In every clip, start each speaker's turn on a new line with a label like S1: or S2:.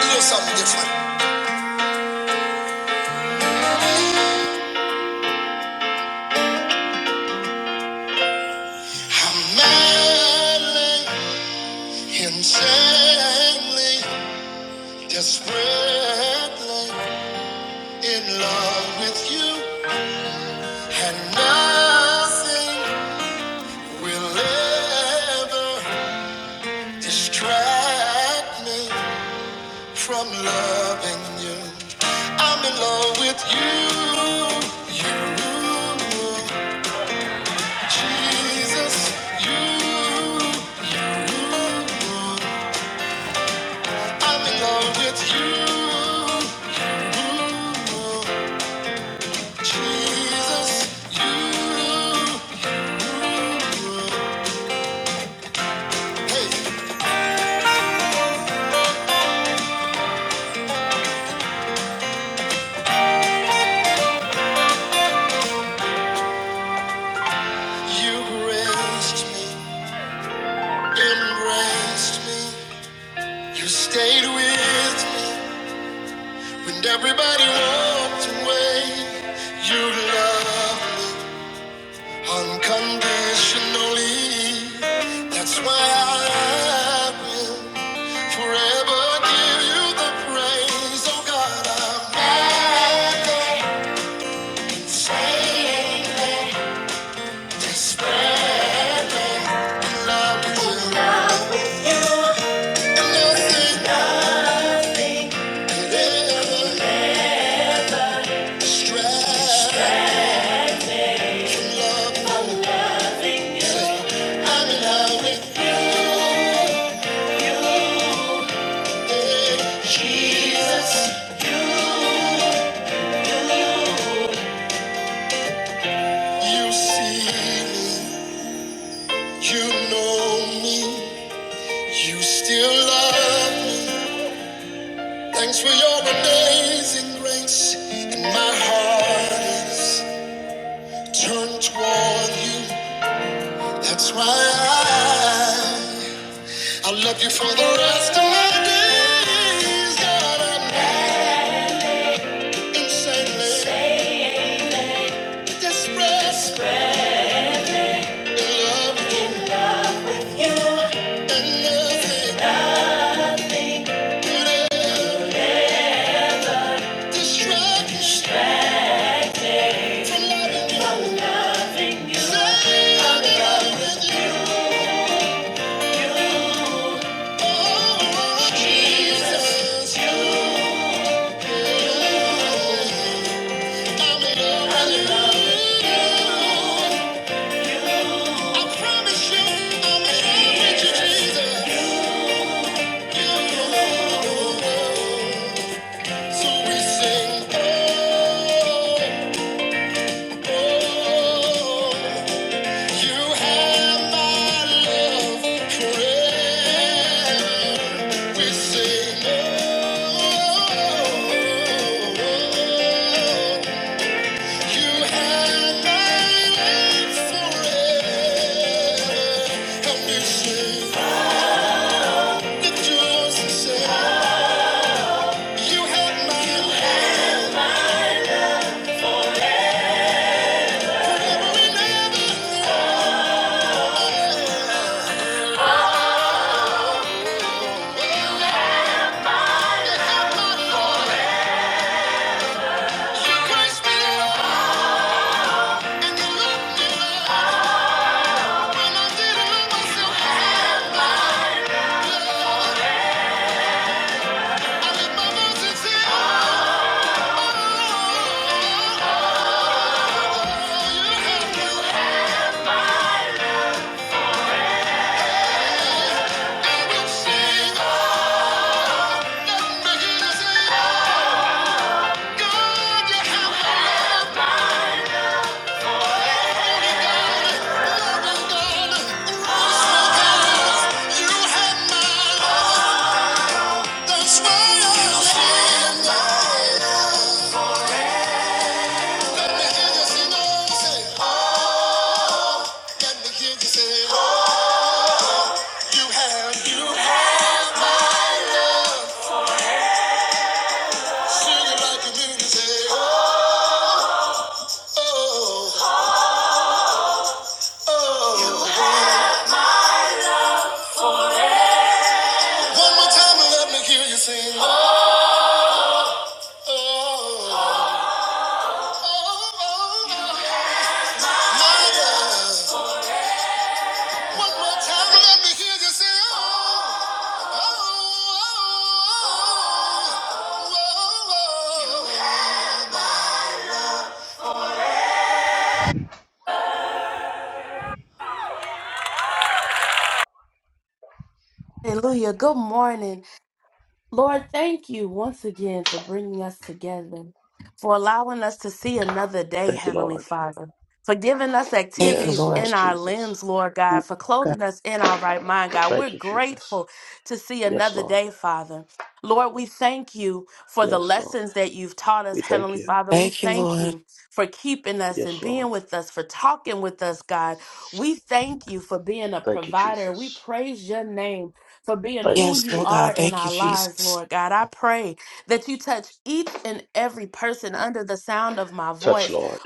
S1: little something different. I'm madly, insanely, desperately in love with you, and nothing will ever distract me from loving you. I'm in love with you, you, Jesus, you, you. I'm in love with you. Jesus, you. Hey, you graced me, embraced me. You stayed with me when everybody walked away. You love. Unconditionally, that's why I will forever give you the praise. Oh God, I'm not saying despair. In love with you, and nothing could ever distract from love. I'm in love with you, Jesus. You see me. You know me, you still love me. Thanks for your amazing grace. And my heart is turned toward you. That's why I, I love you for the rest of my days. God, I'm not insanely distressed. Your love and nothing could ever distract me from loving you. Say I'm in love with you. Jesus, i I love you. I promise you, I'm in love with you, Jesus. So we sing, oh, oh. You have my love forever. We say no. You have my love forever. And we say that you are sincere. You have my love. We never have my heart. Your grace be all, and you love me. That's why I Let me hear you sing, oh, say, let me hear you sing. You have, you have my love. Sing it like you mean it. Say, oh, oh, oh. You have- One more time and let me hear you sing. Oh, oh, oh, oh. My love. One more time and let me hear you sing. Oh, oh, oh, oh, oh. oh.
S2: Thank you, Lord.
S3: Thank you,
S2: Yes, Lord
S3: Lord.
S2: Jesus.
S4: Thank you, God.
S2: Thank you, Jesus. Yes, Lord. Yes, Lord. We thank you.
S3: Thank you, Lord.
S2: Yes, Lord. Thank you, Jesus. Thank you,
S3: Yes, Lord God.
S2: Jesus.
S3: Thank you, Jesus.
S2: Touch, Lord.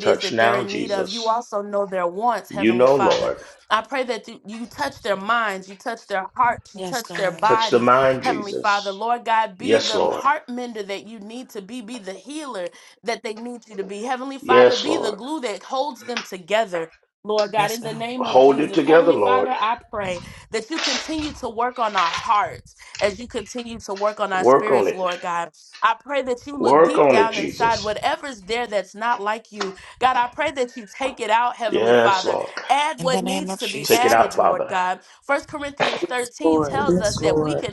S2: Touch now, Jesus. You know, Lord.
S3: Yes, God.
S2: Touch the mind, Jesus. Yes, Lord. Yes, Lord.
S3: Yes, God.
S2: Hold it together, Lord. Work on it. Work on it, Jesus. Yes, Lord.
S3: In the name of
S2: Take it
S3: Jesus.
S2: out, Father.
S4: Yes, Lord. Yes, Lord.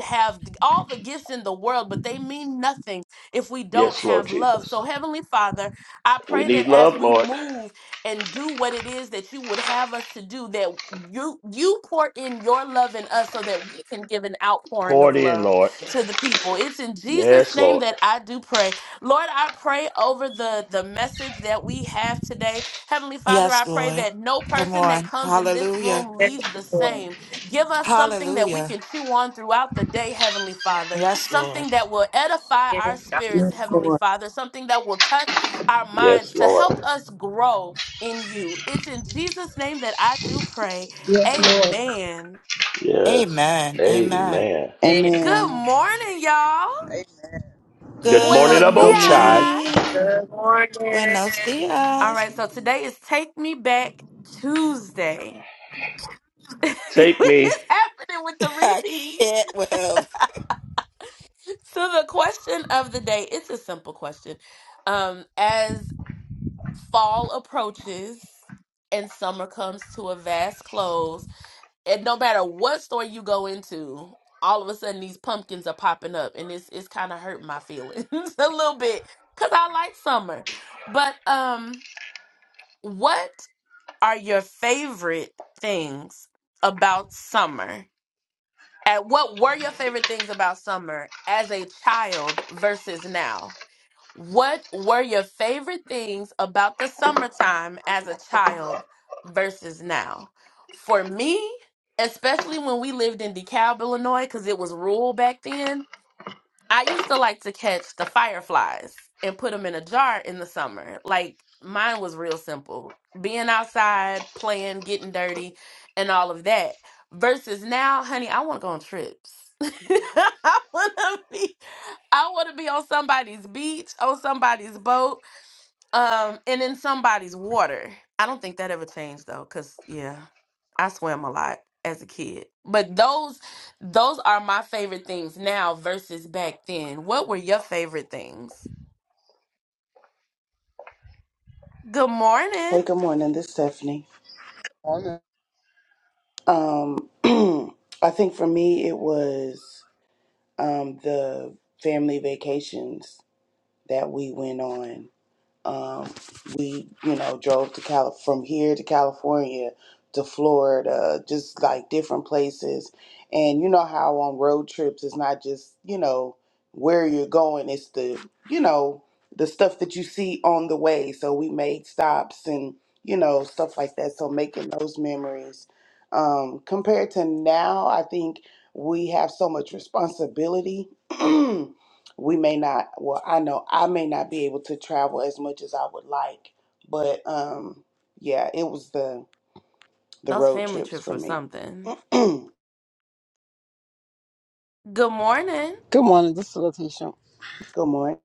S2: Yes, Lord Jesus. We need love, Lord. Pour it in, Lord. Yes, Lord.
S3: Yes, Lord. Come on. Hallelujah.
S5: Yes, Lord.
S3: Hallelujah. Yes, Lord.
S5: Yes, God.
S4: Yes, Lord.
S2: Yes, Lord.
S6: Yes, Lord.
S2: Yes.
S3: Amen. Amen.
S2: Amen.
S5: Yes.
S4: Amen.
S7: Hey,
S2: Good morning,
S3: Good
S4: Good
S2: Aboshai.
S4: morning.
S3: morning.
S5: Good
S3: Buenos
S5: morning.
S3: dias.
S2: Take me.
S3: I can't well.
S4: Hey, good morning. This is Stephanie.
S7: morning,
S4: Um, I think for me it was um the family vacations that we went on. um, we you know drove to Cal from here to California to Florida, just like different places. And you know how on road trips it's not just you know where you're going; it's the you know the stuff that you see on the way. So we made stops and you know stuff like that. So making those memories um, compared to now, I think we have so much responsibility. we may not well i know i may not be able to travel as much as i would like but um yeah it was the the road trips for me good
S7: Good morning, this is Letitia.
S4: morning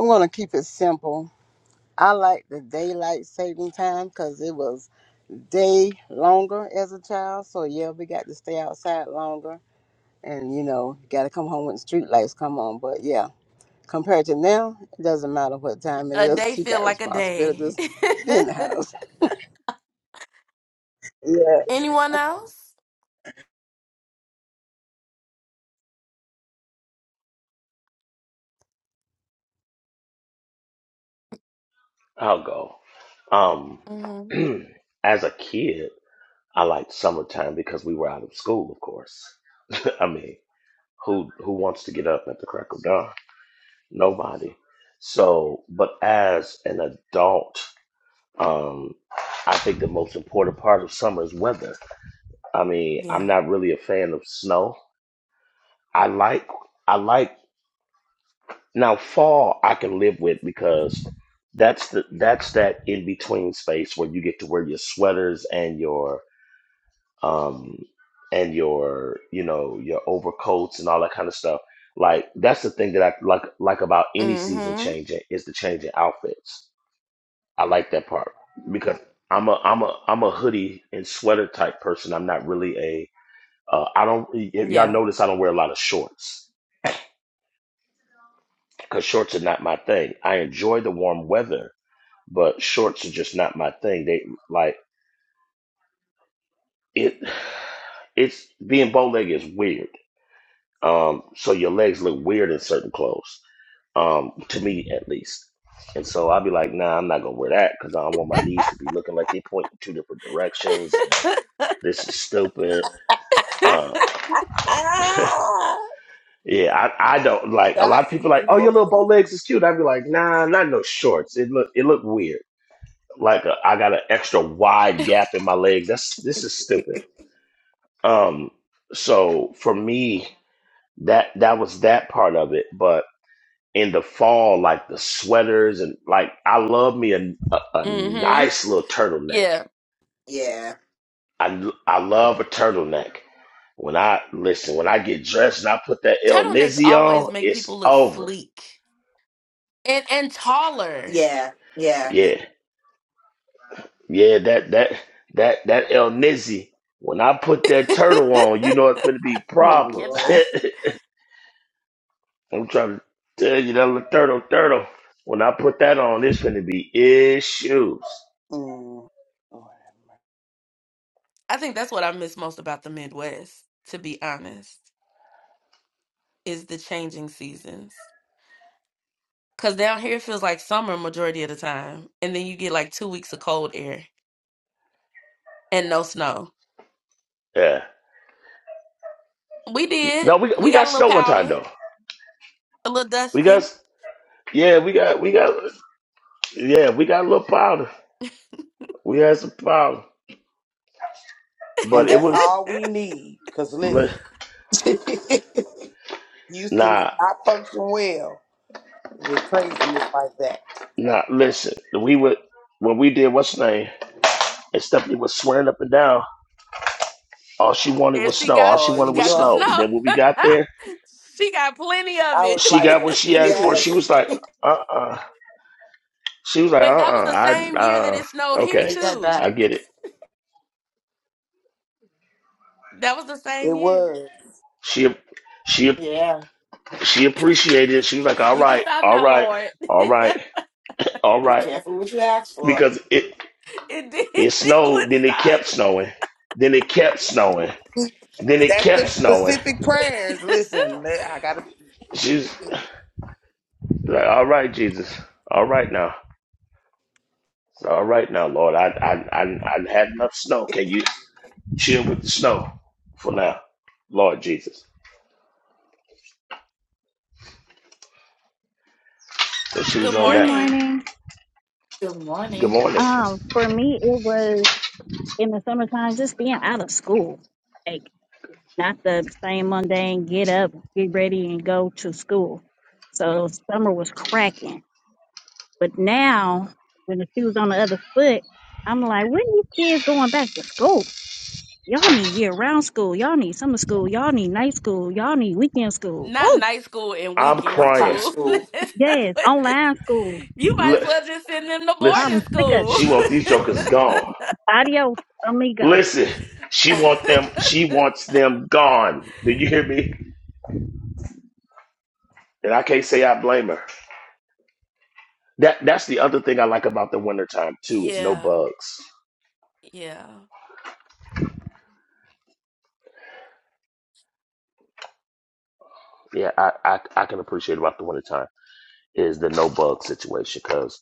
S7: I'm going to keep it simple. I like the daylight saving time because it was day longer as a child. So, yeah, we got to stay outside longer. And, you know, got to come home when the street lights come on. But, yeah, compared to now, it doesn't matter what time it is. You got responsibilities. Be in the house. Yeah.
S2: I'll go. Um, as a kid, I liked summertime because we were out of school, of course. I mean, who who wants to get up at the crack of dawn? Nobody. So, but as an adult, um, I think the most important part of summer is weather. I mean, I'm not really a fan of snow. I like I like Now fall I can live with because that's the that's that in between space where you get to wear your sweaters and your um and your you know your overcoats and all that kind of stuff. Like that's the thing that I like like about any season changing is the changing outfits. I like that part because I'm a I'm a I'm a hoodie and sweater type person. I'm not really a uh, I don't y- y'all notice I don't wear a lot of shorts because shorts are not my thing. I enjoy the warm weather but shorts are just not my thing. They like it. It's being bow legged is weird. Um, so your legs look weird in certain clothes. Um, to me at least. And so I'll be like, nah, I'm not gonna wear that because I don't want my knees to be looking like they point in two different directions. And this is stupid. Uh,
S4: Ah!
S2: yeah, I, I don't like a lot of
S4: Yes,
S2: people like,
S4: we
S2: oh, your
S4: broke
S2: little bow legs is cute. I'd be like, nah, not no shorts. It look it look weird. Like a, I got an extra wide gap in my legs. That's this is stupid. Um, so for me, that that was that part of it. But in the fall, like the sweaters and like I love me a, a, a nice little turtleneck.
S3: Yeah,
S2: I I love a turtleneck. When I listen, when I get dressed and I put that El Nizzy on, it's over.
S3: yeah, yeah.
S2: Yeah, yeah. That that that that El Nizzy. When I put that turtle on, you know it's going to be
S3: Oh
S2: problems.
S3: Lord.
S2: I'm trying to tell you that little turtle turtle. When I put that on, it's gonna be issues.
S4: Mm.
S2: Yeah. No, we we got snow one time though. We got yeah, we got we got yeah, we got a little powder. We had some powder, but
S4: and
S2: it
S4: that's
S2: was
S4: all we need because
S2: li-
S4: listen houston does
S2: nah
S4: not function well with craziness like that
S2: nah. Listen, we would when we did what's her name and Stephanie was swearing up and down. All she wanted was snow. All she
S3: oh,
S2: wanted
S3: in New
S2: was
S3: York.
S2: snow. Then when we got there,
S4: i was
S2: she
S4: like
S2: got what she
S4: a
S2: asked for.
S4: kid
S2: She
S3: Yes.
S2: was like, uh uh She was like, uh uh I uh okay,
S3: Take that
S2: I
S3: back.
S2: get it.
S4: it was
S2: She she
S3: Yeah.
S2: she appreciated it. She was like, All right, all right, all right, all
S3: Be
S2: right.
S3: careful what you ask for.
S2: Because it it snowed, then it kept snowing, then it kept snowing, then it
S4: that's
S2: kept
S4: the
S2: snowing.
S4: specific prayers listen man, i gotta
S2: She's like, All right, Jesus, all right now. All right now, Lord. I I I I had enough snow. Can you chill with the snow for now? Lord Jesus. So she was on
S8: Good
S2: that.
S8: morning.
S3: Good
S2: Good
S3: morning.
S2: morning.
S8: Um, for me, it was in the summertime, just being out of school, like not the same mundane get up, get ready, and go to school. So summer was cracking. But now, when the shoe's on the other foot, I'm like, when these kids going back to school? Y'all need year round school. Y'all need summer school. Y'all need night school. Y'all need weekend school. Oh,
S2: I'm
S3: I'm kind
S2: crying.
S3: of school.
S8: yes, online school.
S2: Li-
S8: I'm sick
S2: listen,
S8: of it.
S2: she wants these jokers gone.
S8: Adios, amigo.
S2: Listen, she wants them. She wants them gone. Do you hear me? And I can't say I blame her. That that's the other thing I like about the wintertime too is no bugs. Yeah, I I, I can appreciate about the wintertime is the no bug situation because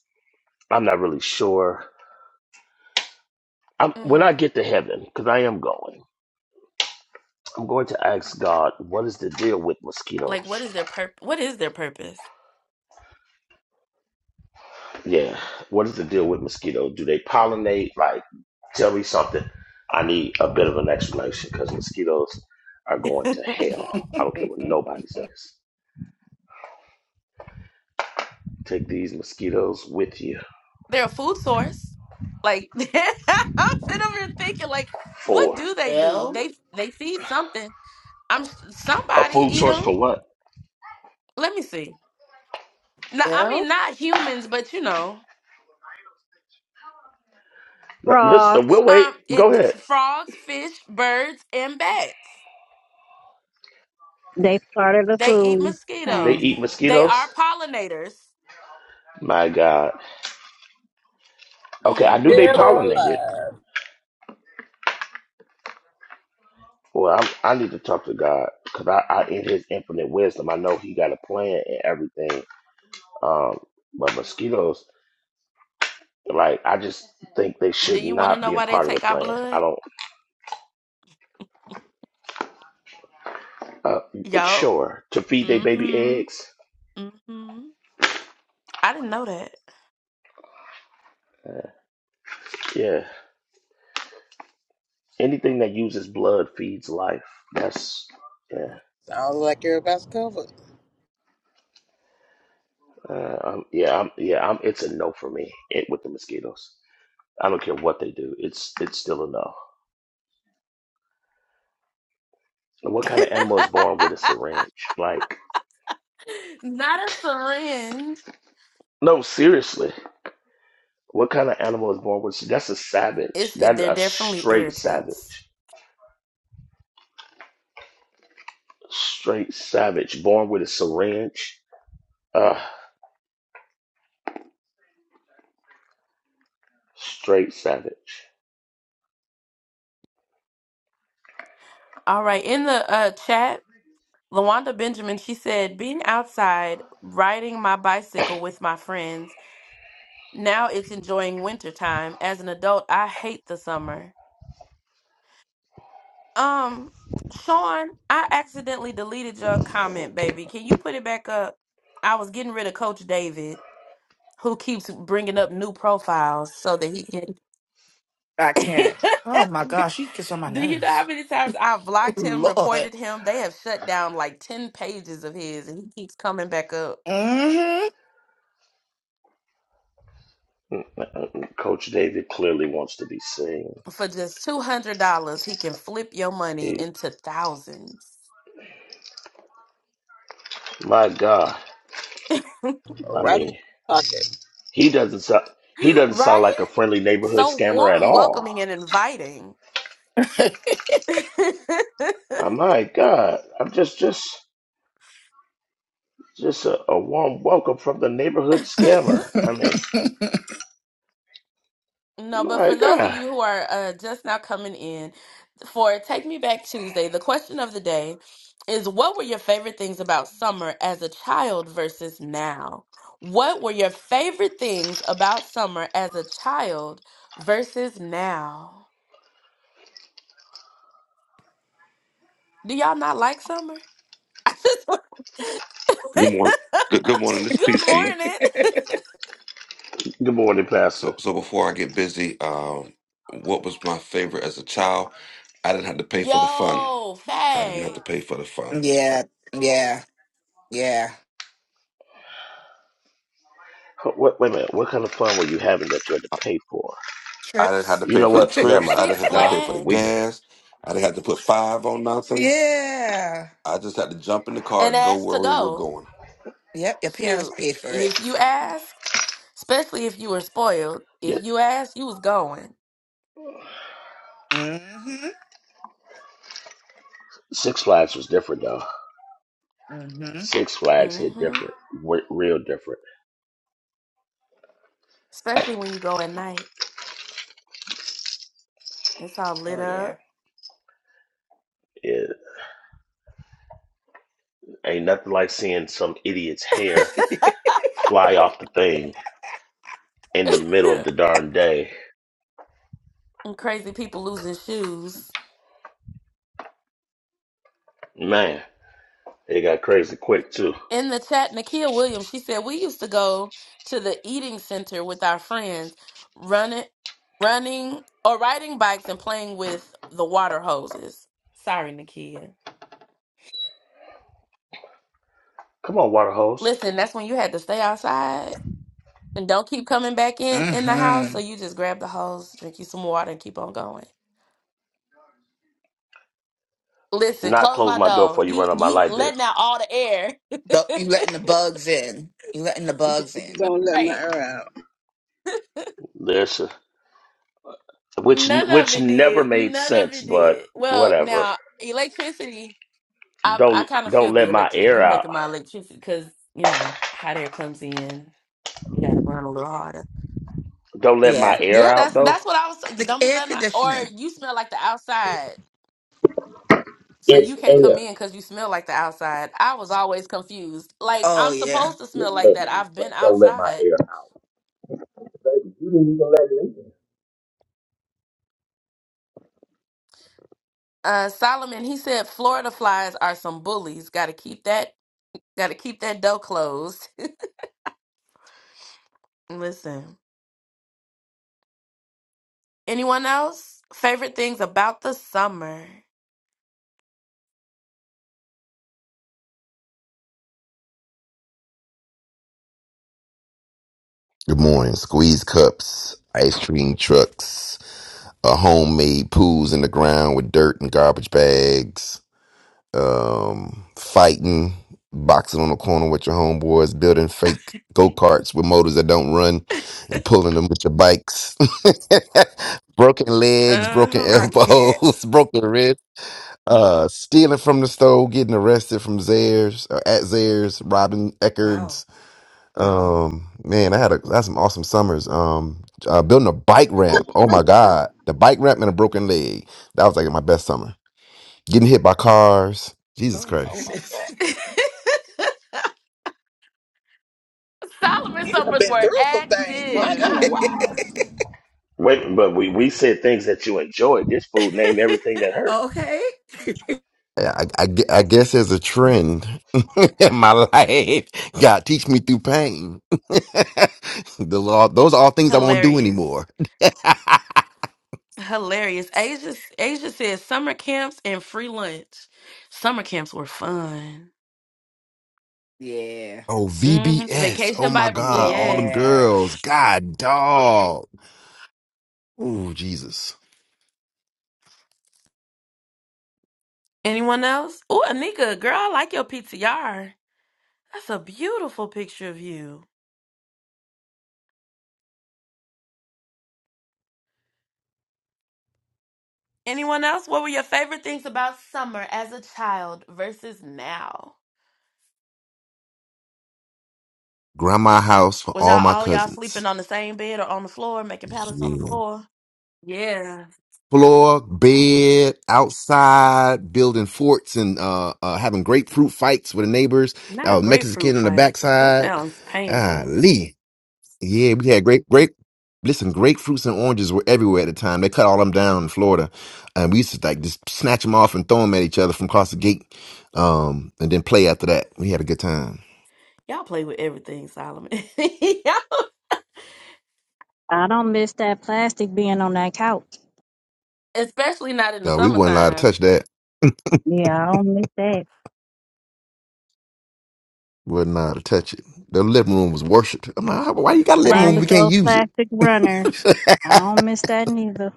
S2: I'm not really sure. I'm, when I get to heaven, because I am going, I'm going to ask God, what is the deal with mosquitoes? Yeah. What is the deal with mosquitoes? Do they pollinate? Like, tell me something. I need a bit of an explanation because mosquitoes are going to hell. I don't care what nobody says. Take these mosquitoes with you for
S3: L?
S2: a food source for what?
S3: L?
S2: L-
S8: Frog.
S2: Listen, we'll wait. Go ahead.
S8: They started a food
S2: They
S8: chain.
S2: eat mosquitoes. My God. Okay, I knew they
S7: Dead or
S2: pollinated.
S7: alive.
S2: Well, I'm, I need to talk to God because I, I, in His infinite wisdom, I know He got a plan and everything. Um, but mosquitoes Like, I just think they should not be a part of the plan. I don't. Uh, sure, to feed their baby eggs. Yeah, anything that uses blood feeds life. That's yeah,
S7: Sounds like everybody's covered.
S2: uh, um, yeah, I'm, yeah. I'm, it's a no for me it, with the mosquitoes. I don't care what they do. It's it's still a no. And What kind of animal is born with a syringe? Like, no, seriously. What kind of animal is born with? That's a savage. That's a straight savage. Straight savage, born with a syringe. Uh, Straight savage.
S3: I can't. Oh my gosh, she gets on my nerves. Oh Lord. Mm-hmm.
S2: Coach David clearly wants to be seen. He, my God, I
S7: Right in
S2: mean,
S7: your pocket.
S2: he doesn't sound, he doesn't sound like a friendly neighborhood scammer at all. Uh, my God, I'm just just just a, a warm welcome from the neighborhood scammer. I mean, my God.
S9: Good morning. Good, good morning. This is PC.
S2: Good morning,
S9: So,
S2: Pastor.
S9: so before I get busy, um, what was my favorite as a child? I didn't have to pay for the fun. I didn't have to pay for the fun.
S3: yeah, yeah, yeah.
S2: What, wait a minute. What kind of fun were you having that you had to pay for?
S9: I didn't have
S3: Trips.
S9: to
S2: You
S9: pay
S2: know
S9: for the
S2: what? Never
S9: trips.
S2: mind.
S9: I didn't have to
S2: Nah,
S9: pay for the
S2: we
S9: gas. I didn't have to put five on nothing.
S3: yeah.
S9: I just had to jump in the car and go where we were going.
S3: Yep, your parents paid for it.
S2: yeah.
S3: Mm-hmm.
S2: Six Flags was different though.
S3: Mm-hmm.
S2: Six Flags hit different, w- real different.
S3: Oh yeah.
S2: It ain't nothing like seeing some idiot's hair fly off the thing in the middle of the darn day. Man, it got crazy quick too. Come on, water hose.
S3: mm-hmm.
S2: Not close my door before you run up my light bill.
S3: The, you letting the bugs in. You letting the bugs in.
S7: Don't let my air out.
S2: This, which which never made sense, but whatever. Don't don't let my air out. Don't let my
S3: Yeah.
S2: air out though.
S3: The air conditioning.
S2: It's air.
S3: Oh yeah.
S2: It's air. Don't let my air out. Baby, you didn't even let me in.
S10: Good morning. Squeeze cups, ice cream trucks, uh, homemade pools in the ground with dirt and garbage bags, um, fighting, boxing on the corner with your homeboys, building fake go karts with motors that don't run, and pulling them with your bikes. broken legs, broken
S3: I can't.
S10: elbows, broken ribs. Uh, stealing from the store, getting arrested from Zaires, uh, at Zaires, robbing Eckerd's,
S3: Wow.
S10: um, man, I had a I had some awesome summers. Um, uh, building a bike ramp. Oh my God, the bike ramp and a broken leg. That was like my best summer. Getting hit by cars. Jesus
S3: Oh my
S7: Oh,
S10: Christ.
S7: my
S3: goodness.
S7: God.
S4: You have been through some things.
S7: That
S4: My
S7: was kind of wild.
S4: God.
S2: Wait, but we, we said things that you enjoyed. This food named everything that hurt.
S3: okay.
S10: Yeah, I, I, gue- I guess there's a trend in my life. God teach me through pain. the law, those are all things I won't do anymore. oh,
S3: Yeah.
S10: VBS. Oh my God. All them
S3: Yeah.
S10: girls. God, dog. Ooh, Jesus. Grandma house for all my cousins. Yeah. Floor, bed, outside, building forts and uh, uh having grapefruit fights with the neighbors. Uh, Mexican on the backside. Ah, Lee. Yeah, we had great, great. Listen, grapefruits and oranges were everywhere at the time. They cut all them down in Florida, and we used to like just snatch them off and throw them at each other from across the gate, um, and then play after that. We had a good time.
S8: I don't miss that plastic being on that couch.
S10: Uh, we weren't allowed to touch that.
S8: Yeah, I don't miss that.
S10: We weren't allowed to touch it. The living room was worshipped. I'm like, "How- why you got a living
S8: Same
S10: room? if We
S8: with
S10: can't
S8: those
S10: use
S8: plastic runners.
S10: it.
S8: I don't miss that neither.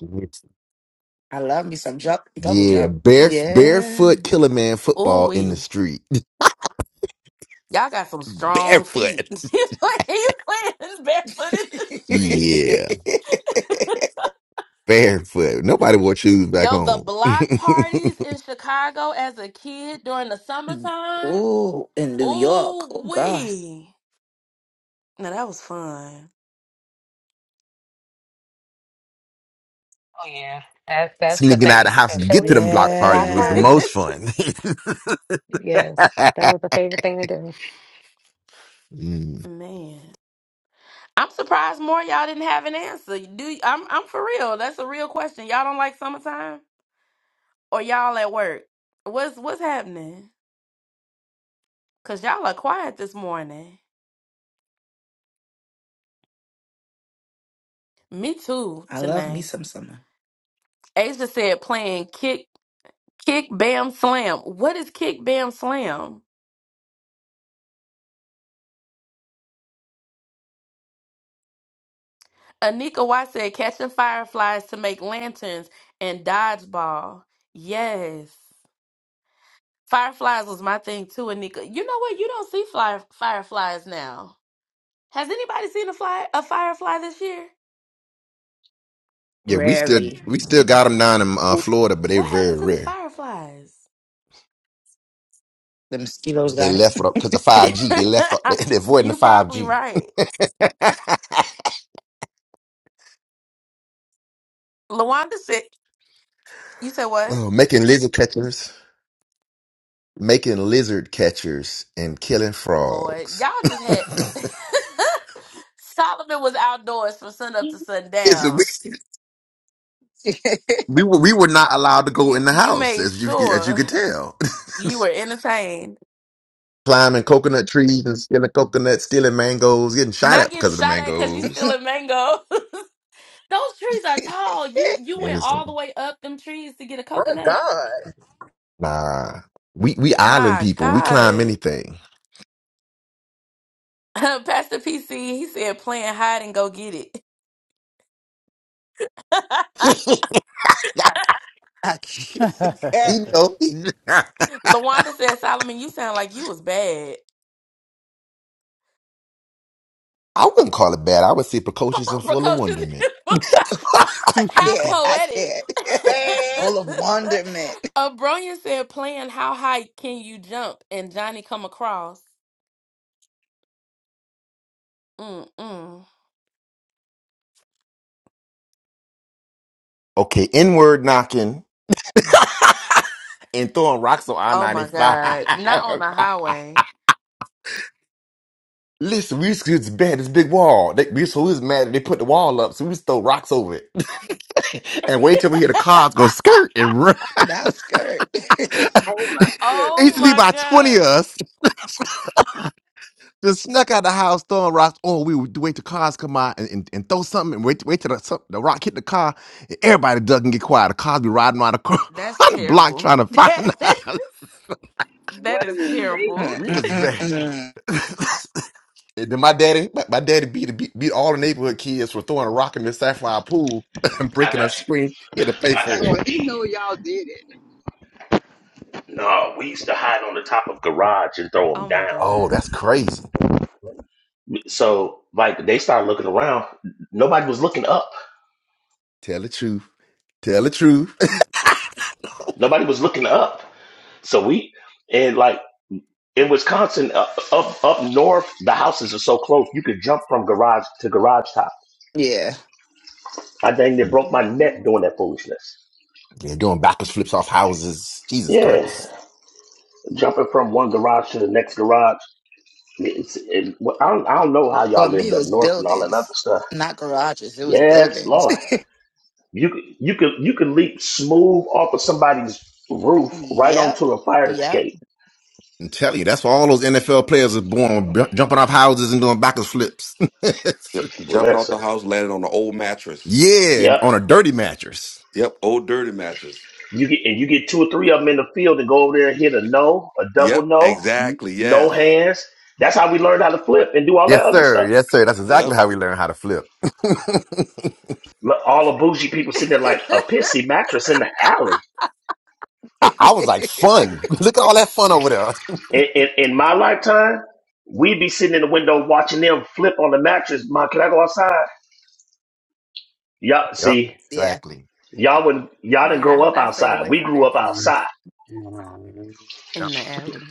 S10: Yes.
S3: I love me some jump double
S10: Yeah,
S3: jump.
S10: bare
S3: Yeah.
S10: barefoot killer man football in the street. Barefoot. Yeah, barefoot. Nobody wore shoes back home.
S3: Ooh, in New York. Oh God.
S11: Oh yeah, that's that's the
S10: Sneaking out of the
S11: thing.
S10: house
S11: And
S10: to get to
S11: Philly,
S10: them block
S11: the
S10: parties
S11: block
S10: was the
S3: Yeah.
S11: parties.
S10: most fun.
S11: Yes, that was the favorite thing to do.
S10: Mm.
S3: I love me some summer.
S10: Yeah, we still
S3: Rarely.
S10: we still got them down in uh, Florida, but they're very rare.
S3: The mosquitoes
S10: They
S3: got
S10: left because of five G. They left. They, They're avoiding the five G. oh, making lizard catchers, making lizard catchers, and killing frogs. It's a week.
S3: it.
S10: We were we were not allowed to go in the house, as you as you could tell. Climbing coconut trees and stealing coconuts, stealing mangoes, getting shot at because of the mangoes.
S3: I
S10: Listen,
S4: My God.
S10: nah, we we island people. We climb anything. you
S3: can't.
S10: know, I wouldn't call it bad. I would say precocious and full of wonderment.
S3: I can't. I can't.
S4: Bad.
S3: Full of wonderment.
S10: Okay, inward knocking and throwing rocks on I ninety five. Listen, we used to it's bad. This big wall. They, we so we was mad that they put the wall up, so we used to throw rocks over it. and wait till we hear the cars go skirt and run.
S3: That skirt.
S7: Oh my
S10: it used to be
S7: goodness.
S10: about 20 of us just snuck out the house throwing rocks. Oh, we would wait till cars come out and, and, and throw something and wait, wait till the, some- the rock hit the car. And everybody duck and get quiet. The cars be riding around the, cor- around the block trying to find us.
S7: What an
S3: Mm,
S10: We
S7: invasion.
S10: was
S3: mm, mm,
S10: bad.
S3: mm.
S10: and then my daddy, my, my daddy beat, beat beat all the neighborhood kids for throwing a rock in the sapphire pool and
S2: I
S10: breaking a
S2: got you.
S10: screen. He had to pay
S2: I got
S7: So
S10: for
S2: you.
S10: it.
S7: he knew
S2: beat.
S7: y'all did it.
S2: No, we used to hide on the top of garage and throw them down.
S10: Oh, that's crazy.
S2: So like they started looking around. Nobody was looking up.
S10: Tell the truth. Tell the truth.
S2: Nobody was looking up. So we and like in Wisconsin, up up, up north, the houses are so close you could jump from garage to garage top.
S3: yeah.
S2: I dang near broke my neck doing that foolishness.
S10: They're doing backwards flips off houses. Jesus
S2: Yeah,
S10: Christ.
S2: jumping from one garage to the next garage. It's, it, well, I, don't, I don't know how
S3: For
S2: y'all
S3: me,
S2: lived
S3: it
S2: up
S3: was
S2: north and all that other
S3: buildings,
S2: stuff.
S3: not garages. It was
S2: Yes,
S3: buildings.
S2: Lord, you could- you can, you can leap smooth off of somebody's roof right
S3: yep.
S2: onto a fire
S3: Yep.
S2: escape.
S10: I'm telling you, that's why all those NFL players are born b- jumping off houses and doing backwards flips.
S9: Yep. Jumping out
S2: Listen,
S9: the house, landed on an old mattress.
S10: yeah,
S2: yep.
S10: on a dirty mattress.
S9: Yep. Old dirty mattress.
S2: You get and you get two or three of them in the field and go over there and hit a no, a double
S9: Yep.
S2: no, n-
S9: Exactly.
S2: no
S9: Yes.
S2: hands. That's how we learned how to flip and do all that
S10: Yes,
S2: other
S10: sir.
S2: stuff.
S10: Yes, sir. That's exactly
S9: Yep.
S10: how we learn how to flip.
S2: Look, All the bougie people sitting there like a pissy mattress in the alley.
S10: I, I was like, fun. Look at all that fun over there.
S2: In, in, in my lifetime, we'd be sitting in the window watching them flip on the mattress. Mom, can I go outside? Y'all
S10: Yep,
S2: see,
S3: yeah.
S10: exactly.
S2: y'all wouldn't y'all didn't grow up outside. We grew up
S12: Turkey
S2: outside.
S10: Yep.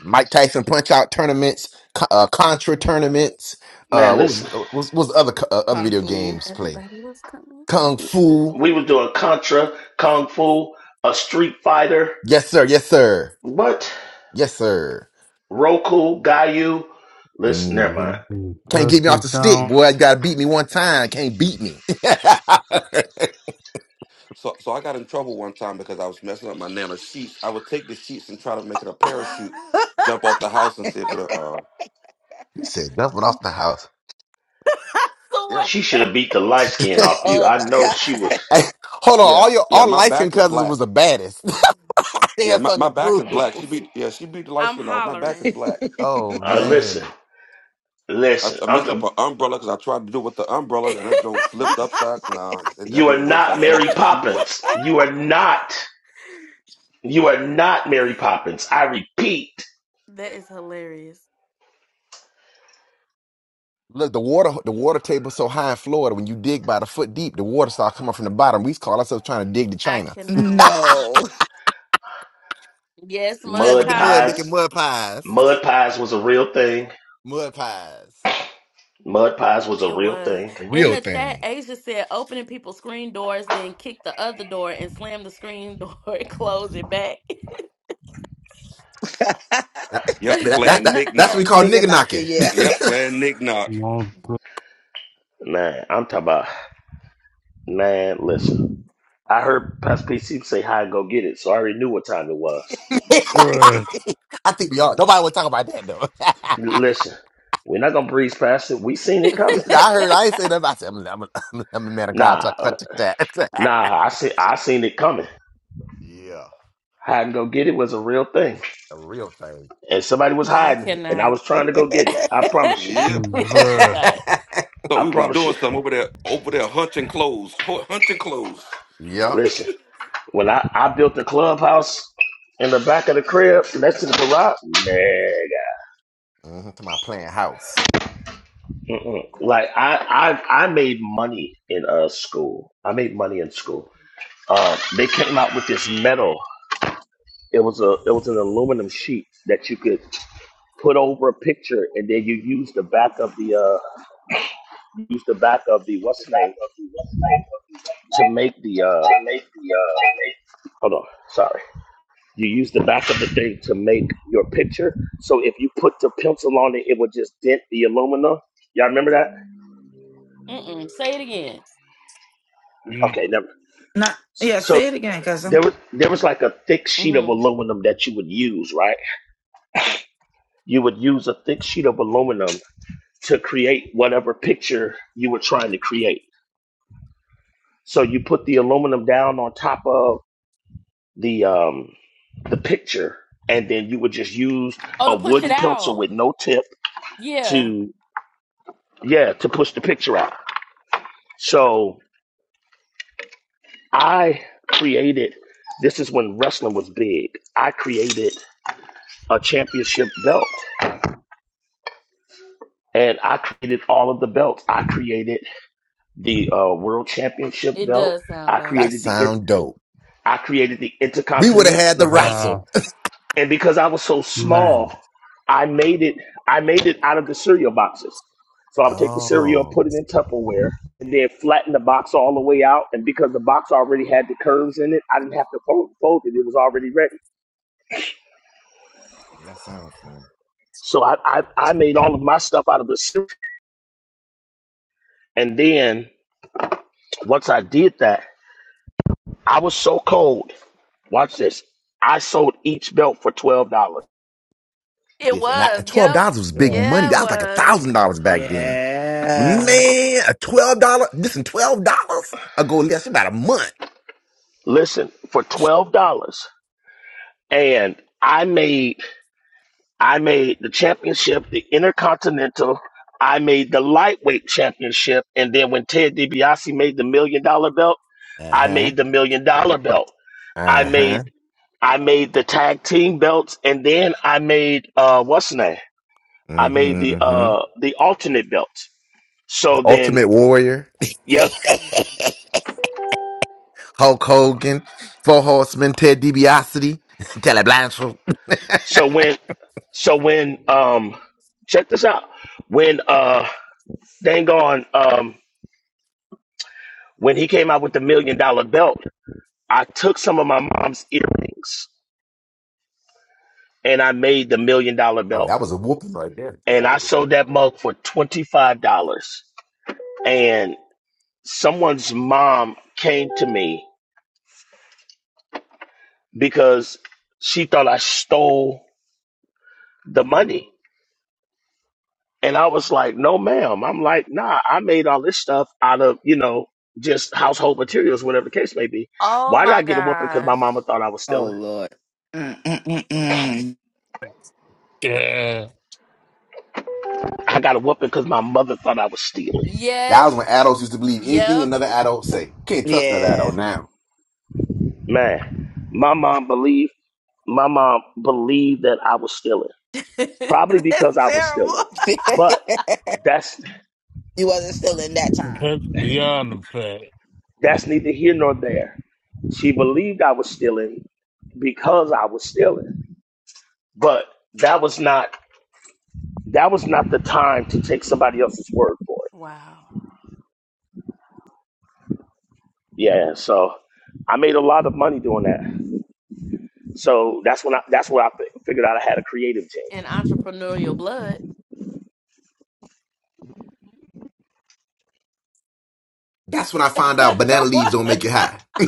S10: Mike Tyson punch out tournaments, co- uh, Contra tournaments.
S2: Man,
S10: Uh, what
S2: listen.
S10: was what was, what was the other co- uh, other
S3: Kung
S10: video
S3: fu.
S10: games play? Kung Fu.
S2: We was doing Contra, Kung Fu, a Street Fighter,
S10: Yes, sir. Yes, sir.
S2: what?
S10: Yes, sir.
S2: Roku, Gayu. Listen, never
S10: hmm
S2: mind.
S10: Can't get me off the stick,
S12: count,
S10: boy. You gotta beat me one time. Can't beat me.
S9: So so I got in trouble one time because I was messing up my nana sheets. I would take the sheets and try to make it a parachute, jump off the house and see if it uh
S10: he said, jumping off the house.
S9: yeah.
S2: She should have beat the light skin off
S10: hey,
S2: you.
S3: Oh
S2: I
S3: my
S2: know she was
S10: hold on.
S9: Yeah.
S10: All your
S9: Yeah,
S10: all
S9: my
S10: light skinned
S9: back is
S10: cousins
S9: black.
S10: was the baddest. they
S9: Yeah,
S10: had
S9: my,
S10: something
S9: my
S10: to
S9: back
S10: prove.
S9: is black. She beat yeah, she beat the light skin off. My back is black.
S3: God.
S10: Oh
S2: uh,
S9: Yeah.
S2: listen,
S10: man.
S9: I,
S2: listen.
S9: tr- I
S2: I'm
S9: messed up
S2: the,
S9: an umbrella because I tried to do it with the umbrella and that joint flipped upside. Nah, that, that
S2: you are
S9: didn't work. So
S2: not
S9: I grabbed
S2: Mary
S9: some sheets.
S2: Poppins. You are not. You are not Mary Poppins. I repeat,
S10: Look, the water the water table's so high in Florida, when you dig by the foot deep, the water starts coming from the bottom. We used to call ourselves trying to dig to China.
S3: no.
S10: Playing with
S2: mud
S10: the mud,
S2: pies.
S10: making mud pies.
S2: Mud pies was a real thing.
S10: mud pies.
S2: Mud pies was a real thing.
S10: A real thing. That, that,
S9: Yep,
S10: that, that,
S9: playing
S10: that-
S9: knick
S10: that's what we
S9: knock.
S10: call
S3: Nigga
S10: nigga
S3: knocking,
S10: knocking.
S3: yeah.
S9: Yep, playing knick knock.
S12: multiple,
S2: Man, I'm talking about. Man, listen. I heard Pastor PC say hi and go get it, so I already knew what time it was.
S12: bruh,
S10: I think we all, nobody would talk about that though.
S2: Listen, we're not gonna breeze past it. We seen it coming.
S10: Now, I heard, I ain't saying nothing. I said, I'm, I'm, I'm, I'm the man of God. Talk,
S2: Nah,
S10: touch that.
S2: nah. I see. I seen it coming.
S10: Yeah.
S2: Hide and go get it was a real thing,
S10: A real thing.
S2: and somebody was hiding, and I was trying to go get it. I promise you.
S9: Yep.
S12: bruh,
S9: Thought
S2: I
S9: we was
S2: promise you.
S9: doing something over there, over there hunching clothes, Hu- hunching clothes.
S10: yep.
S2: Listen. When I, I built the clubhouse in the back of the crib next to the garage, nigga.
S10: hmm To my playing house.
S2: Mm-mm. Like I, I I made money in uh school. I made money in school. Um, they came out with this metal. It was a it was an aluminum sheet that you could put over a picture, and then you use the back of the uh use the back of the what's the name to make the uh hold on sorry You use the back of the thing to make your picture. So if you put the pencil on it, it would just dent the alumina. Y'all remember that?
S12: eat
S2: Okay, never.
S3: Not yeah. Say
S2: So
S3: it again, cousin.
S2: there was there was like a thick sheet of aluminum that you would use, right? You would use a thick sheet of aluminum to create whatever picture you were trying to create. So you put the aluminum down on top of the um the picture, and then you would just use a wooden pencil with no tip to yeah to push the picture out. So I created, this is when wrestling was big. I created a championship belt and I created all of the belts. I created the uh, world championship belt. I
S10: That
S2: created the, in-
S10: sound dope.
S2: I created the
S10: We would have had
S2: intercontinental
S10: the
S2: belt.
S10: wrestle.
S2: And because I was so
S12: man.
S2: small, I made it, I made it out of the cereal boxes. So I would take the cereal and
S10: Oh,
S2: put it in Tupperware and then flatten the box all the way out. And because the box already had the curves in it, I didn't have to fold, fold it. It was already ready.
S10: yeah, that sound fun.
S2: So I, I, I made all of my stuff out of the soup. And then once I did that, I was so cold. Watch this. I sold each belt for twelve dollars.
S10: This and, I, and twelve dollars was big
S12: Yeah,
S10: money. That was like a thousand dollars back then.
S3: Yeah.
S10: Man, a twelve dollar. Listen, twelve dollars. I go less about a month.
S2: Listen, for twelve dollars. And I made I made the championship, the intercontinental. I made the lightweight championship. And then when Ted DiBiase made the million dollar belt,
S10: Uh
S2: I
S10: huh.
S2: made the million dollar belt. I
S10: Uh
S2: made
S10: huh.
S2: I made the tag team belts and then I made uh what's the name? I made the
S10: Mm-hmm.
S2: uh the alternate belt.
S10: The
S2: So then,
S10: Ultimate Warrior,
S2: yep.
S10: Hulk Hogan, Four Horsemen, Ted DiBiase, Telly Blanchard.
S2: So when so when um check this out. When uh dang on um when he came out with the million dollar belt, I took some of my mom's earrings and I made the million dollar
S10: oh,
S2: belt.
S10: that was a whooping right there.
S2: And I sold that mug for twenty five dollars. And someone's mom came to me because she thought I stole the money. And I was like, no, ma'am. I'm like, nah, I made all this stuff out of, you know, just household materials, whatever the case may be. Why did I get a whooping? Because my mama thought I was
S3: Oh
S2: stealing.
S3: Lord. Mm, mm, mm, mm.
S12: yeah,
S2: I got a whooping because my mother thought I was stealing.
S10: That was when adults used to believe anything another adult say. Can't trust another adult
S3: Yeah.
S10: now.
S2: Man, my mom believed, my mom believed that I was stealing, probably because I was stealing. But that's,
S3: you wasn't still in that time.
S12: that's beyond the fact,
S2: that's neither here nor there. She believed I was stealing because I was stealing, but that was not, that was not the time to take somebody else's word for it Yeah, so I made a lot of money doing that. So that's when I that's where I fi- figured out I had a creative gene.
S10: That's when I found out banana leaves don't make you high. we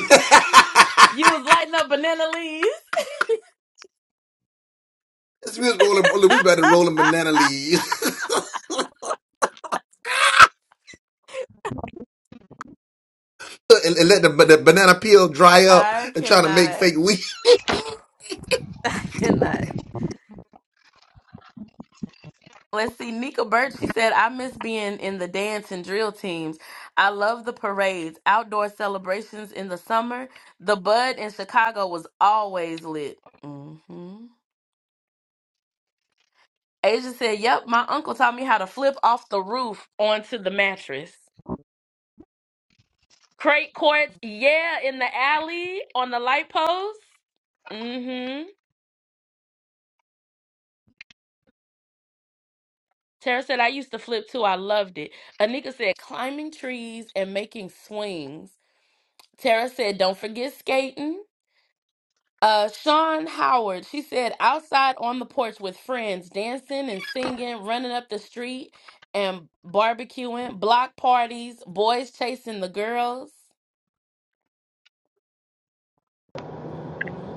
S10: was rolling, we was about to rolling banana leaves. and, and let the, the banana peel dry up and trying to make fake weed.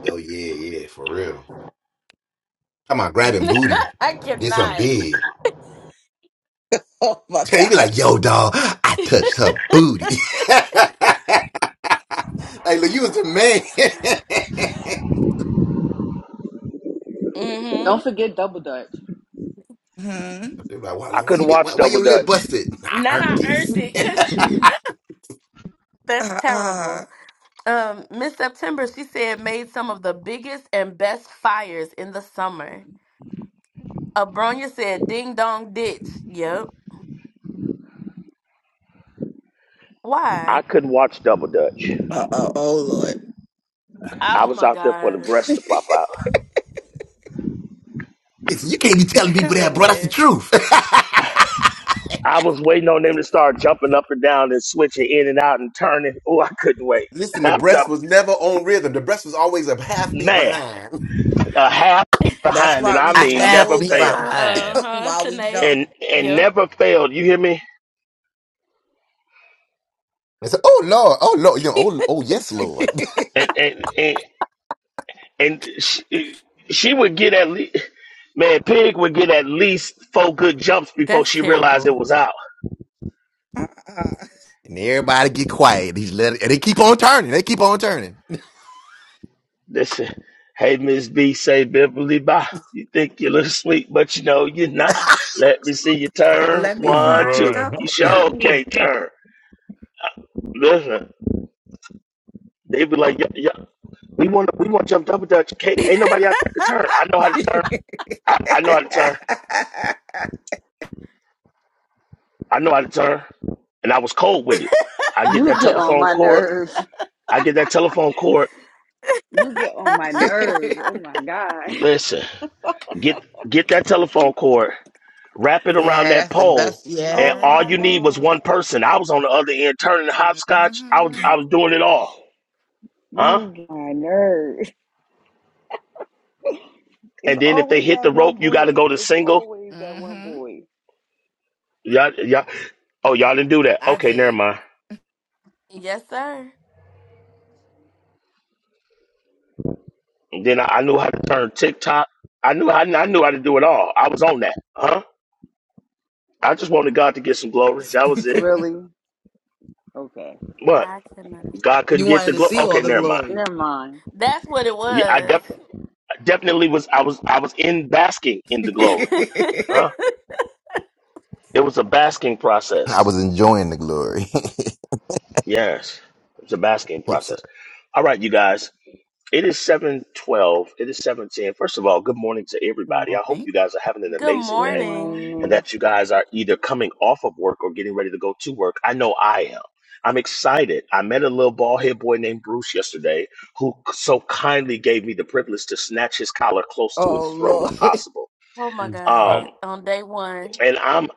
S10: Yo, yeah, yeah, for real. Come on, grabbing booty. Get something big.
S3: Oh my
S10: You be like,
S3: gosh.
S10: yo, dog, I touched her booty. like, look, you was the man.
S13: Don't forget double dutch.
S3: Hmm.
S10: they be like, why,
S2: I
S10: why
S2: couldn't
S10: you get, why,
S2: watch
S10: why
S2: Double
S10: your lip
S2: Dutch.
S10: busted? Nah, I earned this.
S3: Uh uh.
S2: I couldn't watch Double Dutch.
S3: Uh oh. Oh Lord.
S2: I was out there for the breast to pop out.
S10: Listen, you can't be telling people that, bro. That's the truth.
S2: I was waiting on them to start jumping up and down and switching in and out and turning. Oh, I couldn't wait.
S10: Listen, the
S2: I'm
S10: breast
S2: talking
S10: was never on rhythm. The breast was always a half beat
S2: man,
S10: behind.
S2: a half
S3: That's
S2: behind, and
S3: why we
S2: I
S10: A
S3: used to
S2: mean
S10: half
S2: never
S3: hold
S10: beat
S2: fail,
S3: them
S10: behind.
S3: while we jump.
S2: and and never failed. You hear me?
S10: They said, "Oh Lord, oh Lord, you know, oh, oh yes, Lord."
S2: And and and. and she, she would get at least man pig would get at least four good jumps before she realized it was out
S3: uh-uh.
S10: And everybody get quiet. He let it, and they keep on turning. They keep on turning.
S2: this hey miss b say beverly bye you think you look sweet but you know you're not let me see you turn
S3: Let me
S2: one
S3: find
S2: two
S3: out.
S2: you sure can't
S12: bruh.
S2: turn listen they be like, yeah, yeah, we want to, we want to jump double dutch. Can't, ain't nobody out there to turn. I know how to
S3: yeah,
S2: turn. I, I know how to turn. I know how to turn. And I was cold with it. I get
S13: You
S2: that
S13: get on
S2: telephone
S13: my
S2: cord.
S13: nerves.
S2: I get that telephone cord
S13: You get on my nerves. Oh my god.
S2: Listen, get get that telephone cord, wrap it around that
S3: that's the
S2: pole,
S3: best.
S2: and
S13: Oh
S2: all
S13: my
S2: you
S3: Yeah.
S2: need was one
S13: god.
S2: person. I was on the other end turning hopscotch. I was I was doing it all, huh?
S13: You get on my nerves. It's
S2: And then if they
S13: always
S2: hit
S13: that
S2: the
S13: one
S2: rope, you got to
S13: boy.
S2: go to
S13: It's
S2: single.
S13: always that one
S3: hmm
S13: boy.
S2: Y'all, y'all, oh y'all didn't do that.
S3: I
S2: Okay, never
S3: did.
S2: mind. Then I, I knew how to turn TikTok. I knew I, I knew how to do it all. I was on that, huh? I just wanted God to get some glory. That was it.
S13: Really? Okay.
S2: But God couldn't
S3: You
S2: get
S3: wanted
S2: the
S3: to
S2: glory.
S3: see
S2: Okay,
S3: all the
S2: never mind.
S3: glory.
S13: Never mind.
S2: Yeah, I definitely. definitely was I was I was in basking in the glory.
S3: Good
S2: Huh? It was a basking
S10: I
S2: process.
S10: was enjoying the glory.
S2: Yes. It's a basking
S10: yes, sir.
S2: process. All right, you guys. It is 712. It is 710. First of all, good morning to everybody. I hope
S3: morning.
S2: you guys are having an amazing
S13: Good
S2: day and
S13: morning.
S2: that you guys are either coming off of work or getting ready to go to work. I know I am. I'm excited. I met a little bald head boy named Bruce yesterday who so kindly gave me the privilege to snatch his collar close to his
S3: oh
S2: throat as
S3: Lord.
S2: possible.
S12: I-
S2: Um, and I'm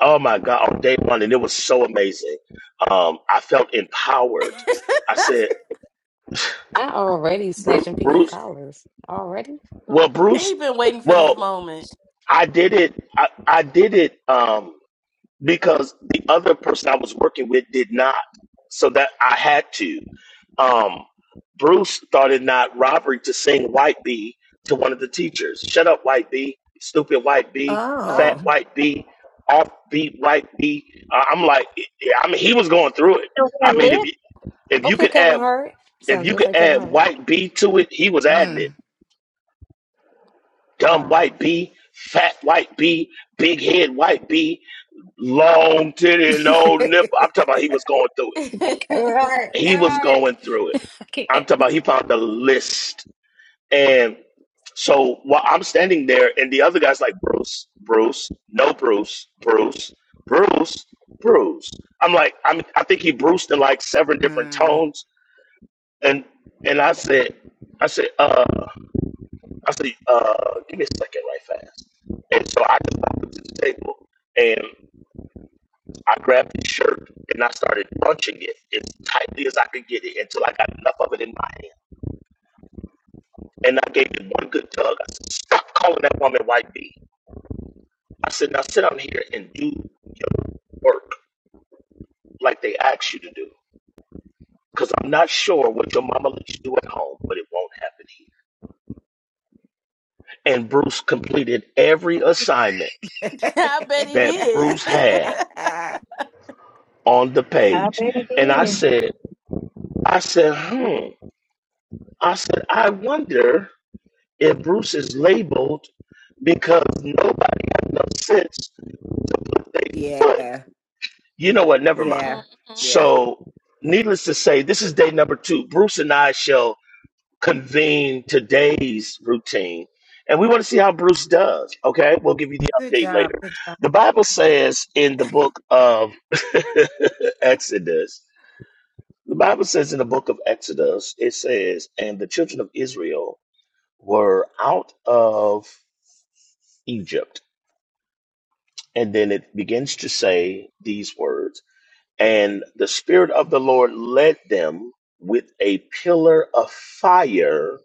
S2: Oh my God, on day one, and it was so amazing. Um, I felt empowered. I said,
S11: Not already
S2: Bruce,
S11: snatching people
S2: Bruce
S11: collars. Already?
S2: well, Bruce, well, I did it. I, I did it. Um, because the other person I was working with did not, so that I had to. Um, Bruce thought it not robbery to sing White Bee to one of the teachers. Shut up, White Bee, stupid White Bee, fat
S3: Oh.
S2: White Bee, offbeat White Bee. Uh, I'm like, I mean, he was going through it.
S8: So
S2: I
S8: that
S2: mean, if
S8: lip?
S2: you if you
S11: Okay,
S2: could
S11: Kevin
S2: add
S11: Hart.
S2: if
S11: Sound
S2: you
S11: just
S2: could
S11: like Kevin
S2: add
S11: Hart.
S2: White Bee to it, he was adding it.
S3: Mm.
S2: Dumb White Bee, fat White Bee, big head White Bee long titty, no nipple. I'm talking about he was going through
S11: Kevin Hart.
S2: it. He
S11: Kevin
S2: was
S11: Hart.
S2: going through it.
S11: I
S2: I'm
S11: can't.
S2: talking about he found the list. And so while I'm standing there, and the other guy's like, Bruce, Bruce, no Bruce, Bruce, Bruce, Bruce. I'm like, I'm, I think he bruised in like seven different
S3: Mm.
S2: tones. And and I said, I said, uh, I said, uh, give me a second right fast. And so I just walked up to the table and. I grabbed his shirt and I started bunching it as tightly as I could get it until I got enough of it in my hand. And I gave it one good tug. I said, Stop calling that woman white bee. I said, Now sit down here and do your work like they asked you to do. Because I'm not sure what your mama let you do at home, but it won't happen here. And Bruce completed every assignment that Bruce had on the
S8: I
S2: page.
S8: bet it
S2: And I
S8: did.
S2: said, I said, hmm. I said, I wonder. if Bruce is labeled because nobody had no sense with their foot.
S3: yeah.
S2: You know what? Never mind.
S3: Yeah. Yeah.
S2: So, needless to say, this is day number two. Bruce and I shall convene today's routine, and we want to see how Bruce does. Okay, we'll give you the
S3: Good
S2: update later.
S3: job. Good job.
S2: The Bible says in the book of Exodus, the Bible says in the book of Exodus, it says, and the children of Israel were out of Egypt And then it begins to say these words And the Spirit of the Lord led them with a pillar of fire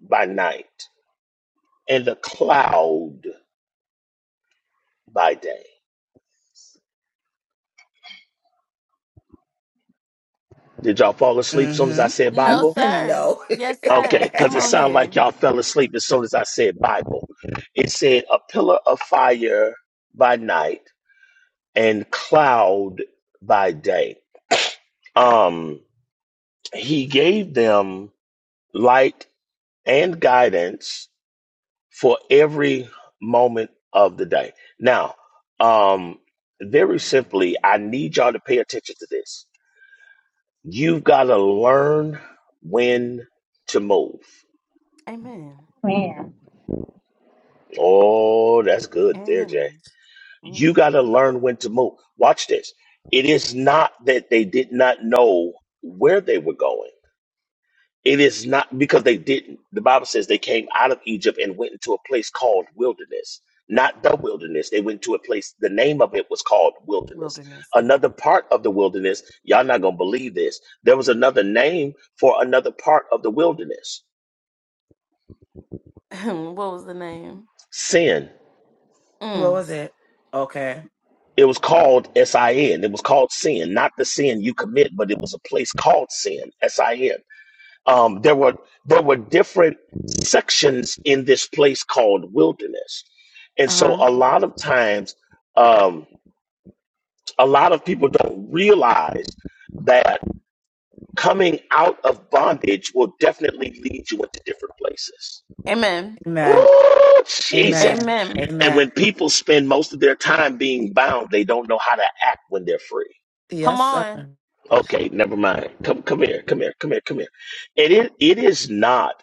S2: by night and a cloud by day. Did y'all fall asleep as soon as I said
S3: Mm-hmm.
S2: Bible?
S3: no.
S2: Okay, because it sounded like y'all fell asleep as soon as I said Bible. It said a pillar of fire by night and cloud by day. Um, he gave them light and guidance for every moment of the day. Now, um, very simply, I need y'all to pay attention to this. You've got to learn when to move.
S8: Man,
S2: Oh, that's good there, Jay. You got to learn when to move. Watch this. It is not that they did not know where they were going It is not because they didn't. The Bible says they came out of Egypt and went into a place called wilderness, not the wilderness. They went to a place, the name of it was called wilderness. Another part of the wilderness, y'all not going to believe this. There was another name for another part of the wilderness sin.
S3: What was it? Okay.
S2: It was called S I N. It was called sin, not the sin you commit, but it was a place called sin, S I N. um, there were there were different sections in this place called wilderness, and so a lot of times, um, a lot of people don't realize that coming out of bondage will definitely lead you into different places.
S3: Amen.
S2: Oh, Jesus!
S3: Amen.
S2: And
S3: Amen.
S2: when people spend most of their time being bound, they don't know how to act when they're free.
S3: Yes, sir.
S2: Okay, never mind. Come, come here, come here, come here, come here. It is, it is not.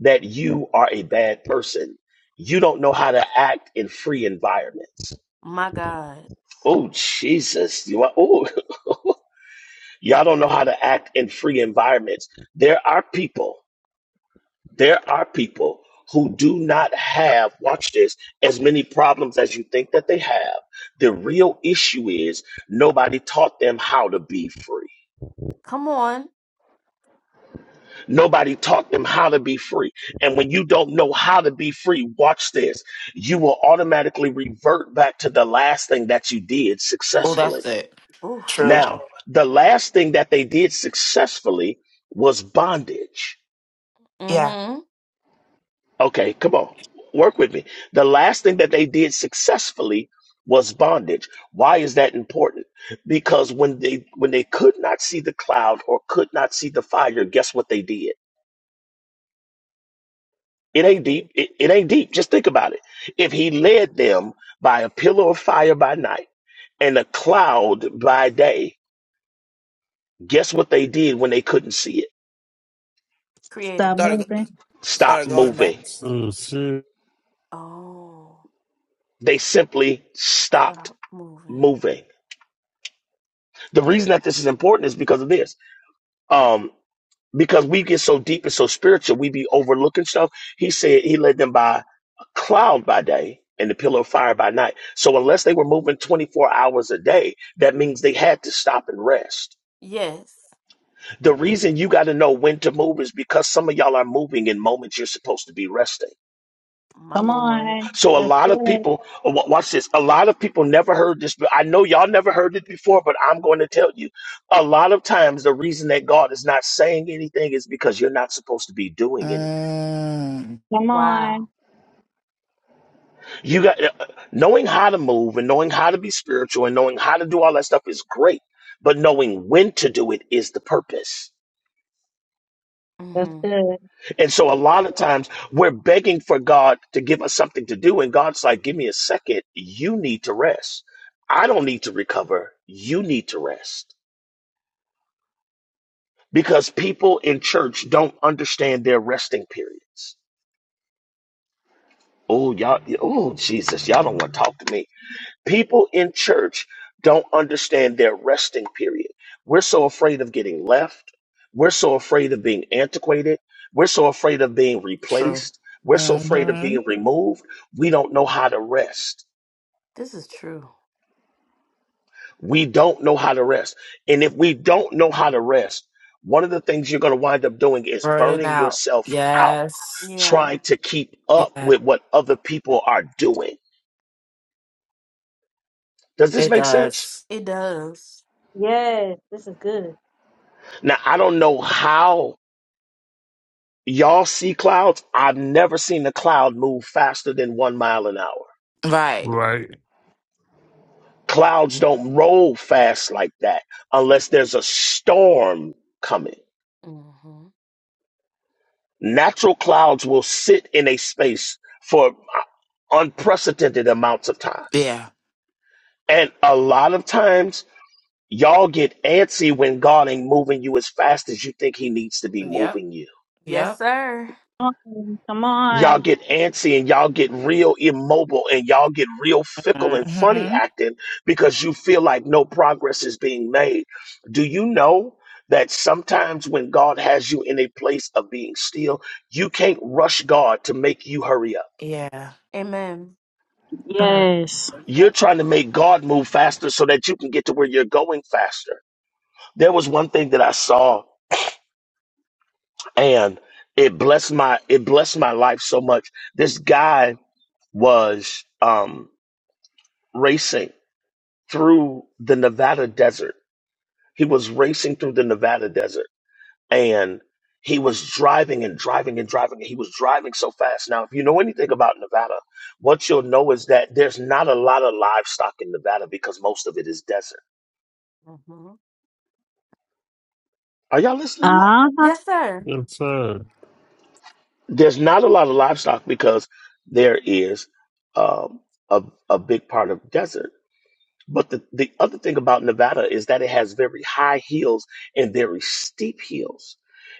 S2: that you are a bad person. You don't know how to act in free environments. Oh, Jesus. You are, oh, y'all don't know how to act in free environments. There are people, there are people who do not have, watch this, as many problems as you think that they have. The real issue is nobody taught them how to be free. Nobody taught them how to be free. And when you don't know how to be free, watch this. You will automatically revert back to the last thing that you did
S3: oh, that's
S2: successfully.
S3: good. True.
S2: Now, the last thing that they did successfully was bondage. Okay, come on, work with me. The last thing that they did successfully was bondage. Why is that important? Because when they when they could not see the cloud or could not see the fire, guess what they did? It ain't deep. It, it ain't deep. Just think about it. If he led them by a pillar of fire by night and a cloud by day, guess what they did when they couldn't see it?
S8: stop moving.
S3: started
S2: Stop
S3: started going back.
S2: moving.
S12: So shit,
S2: They simply stopped moving. The reason that this is important is because of this. Um, because we get so deep and so spiritual, we be overlooking stuff. He said he led them by a cloud by day and the pillar of fire by night. So unless they were moving 24 hours a day, that means they had to stop and rest The reason you got to know when to move is because some of y'all are moving in moments you're supposed to be resting.
S8: Come on.
S2: So a
S8: That's
S2: lot of
S8: good.
S2: people, uh, wa- watch this. A lot of people never heard this. but I know y'all never heard it before, but I'm going to tell you. A lot of times, the reason that God is not saying anything is because you're not supposed to be doing anything.
S3: Mm,
S8: Come on.
S2: You got uh, knowing how to move and knowing how to be spiritual and knowing how to do all that stuff is great, but knowing when to do it is the purpose.
S8: That's good.
S2: And so a lot of times we're begging for God to give us something to do. And God's like, give me a second. You need to rest. I don't need to recover. You need to rest because people in church don't understand their resting periods. Oh, y'all. Oh, Jesus. Y'all don't want to talk to me. People in church don't understand their resting period. We're so afraid of getting left. We're so afraid of being antiquated. We're so afraid of being
S3: true.
S2: replaced. We're so afraid of
S3: Mm-hmm.
S2: being removed. We don't know how to rest. We don't know how to rest. And if we don't know how to rest, one of the things you're going to wind up doing is
S3: Burning
S2: burning
S3: out.
S2: yourself out,
S3: Yes.
S2: trying to keep up
S3: Yeah.
S2: with what other people are doing. Does this
S3: It
S2: make sense?
S3: does.
S8: Yes, this is good.
S2: Now, I don't know how Y'all see clouds? I've never seen a cloud move faster than one mile an hour.
S3: Right.
S12: right,
S2: Clouds don't roll fast like that unless there's a storm coming. Natural clouds will sit in a space for unprecedented amounts of time.
S3: Yeah.
S2: And a lot of times, y'all get antsy when God ain't moving you as fast as you think He needs to be
S3: Yep.
S2: moving you.
S3: Yep.
S8: Come on. Come
S2: y'all
S8: on.
S2: get antsy and y'all get real immobile and y'all get real fickle and funny
S3: Mm-hmm.
S2: acting because you feel like no progress is being made. Do you know that sometimes when God has you in a place of being still, you can't rush God to make you hurry up?
S3: Yeah. Mm.
S8: Yes.
S2: You're trying to make God move faster so that you can get to where you're going faster. There was one thing that I saw and it blessed my it blessed my life so much. This guy was um racing through the Nevada desert. He was racing through the Nevada desert and he was driving and driving and driving. and He was driving so fast. Now, if you know anything about Nevada, what you'll know is that there's not a lot of livestock in Nevada because most of it is desert. Are y'all listening to me?
S8: Uh-huh.
S12: yes, sir.
S2: There's not a lot of livestock because there is um, a, a big part of desert. But the, the other thing about Nevada is that it has very high hills and very steep hills.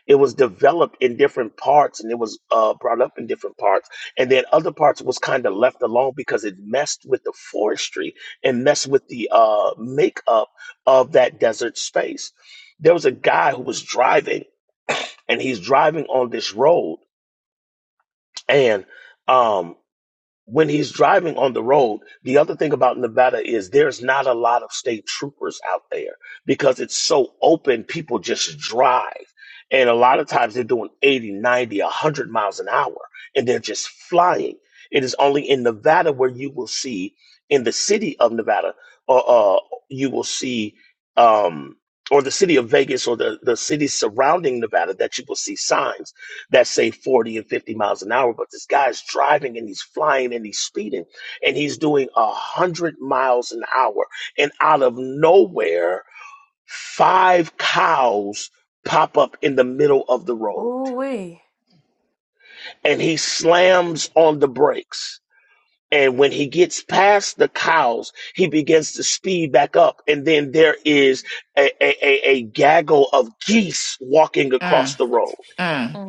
S2: It was developed in different parts and it was uh, brought up in different parts. And then other parts was kind of left alone because it messed with the forestry and messed with the uh, makeup of that desert space. There was a guy who was driving and he's driving on this road and um, when he's driving on the road, the other thing about Nevada is there's not a lot of state troopers out there because it's so open, people just drive. And a lot of times they're doing 80, 90, 100 miles an hour and they're just flying. It is only in Nevada where you will see, in the city of Nevada, or uh, uh, you will see, um, or the city of Vegas or the, the cities surrounding Nevada, that you will see signs that say 40 and 50 miles an hour, but this guy's driving and he's flying and he's speeding and he's doing a hundred miles an hour. And out of nowhere, five cows pop up in the middle of the road and he slams on the brakes. And when he gets past the cows, he begins to speed back up. And then there is a, a, a, a gaggle of geese walking across
S3: Mm.
S2: the road
S3: Mm.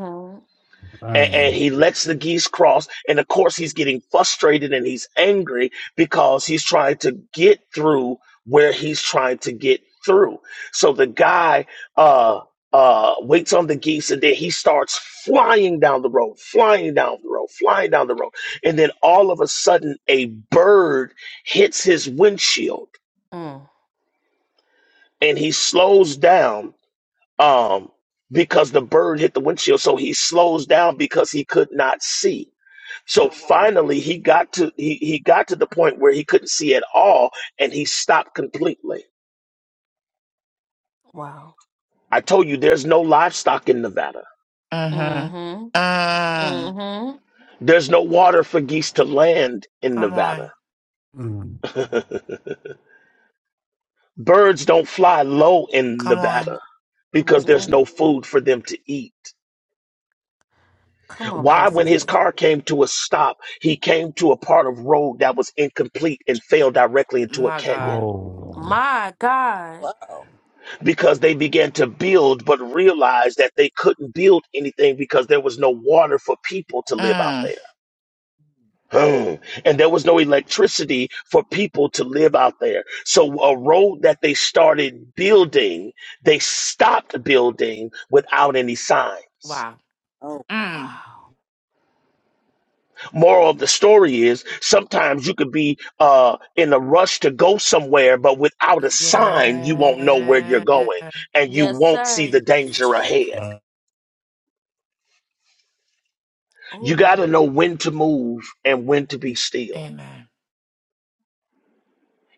S2: and, and
S12: Man,
S2: he lets the geese cross. And of course, he's getting frustrated and he's angry because he's trying to get through where he's trying to get through. So the guy uh, uh, waits on the geese and then he starts flying down the road, flying down the road, flying down the road. And then all of a sudden, a bird hits his windshield and he slows down. Um, because the bird hit the windshield, so he slows down because he could not see so finally, he got to he he got to the point where he couldn't see at all, and he stopped completely. I told you, there's no livestock in Nevada.
S3: Mm-hmm. Mm.
S2: There's no water for geese to land in
S3: Come
S2: Nevada.
S3: on.
S12: mm,
S2: Birds don't fly low in
S3: Come on.
S2: Nevada because there's no food for them to eat. Why, when his car came to a stop, he came to a part of road that was incomplete and fell directly into a
S3: My
S2: canyon.
S3: God.
S12: oh,
S7: Wow.
S2: because they began to build but realized that they couldn't build anything because there was no water for people to live out
S3: Mm.
S2: there. Hmm. And there was no electricity for people to live out there. So a road that they started building, they stopped building without any signs.
S3: Wow.
S7: Oh.
S3: Mm.
S2: Moral of the story is sometimes you could be uh, in a rush to go somewhere, but without a sign, you won't know where you're
S3: Yeah.
S2: going and you won't see the danger ahead.
S12: uh,
S2: You got to know when to move and when to be still.
S3: Amen.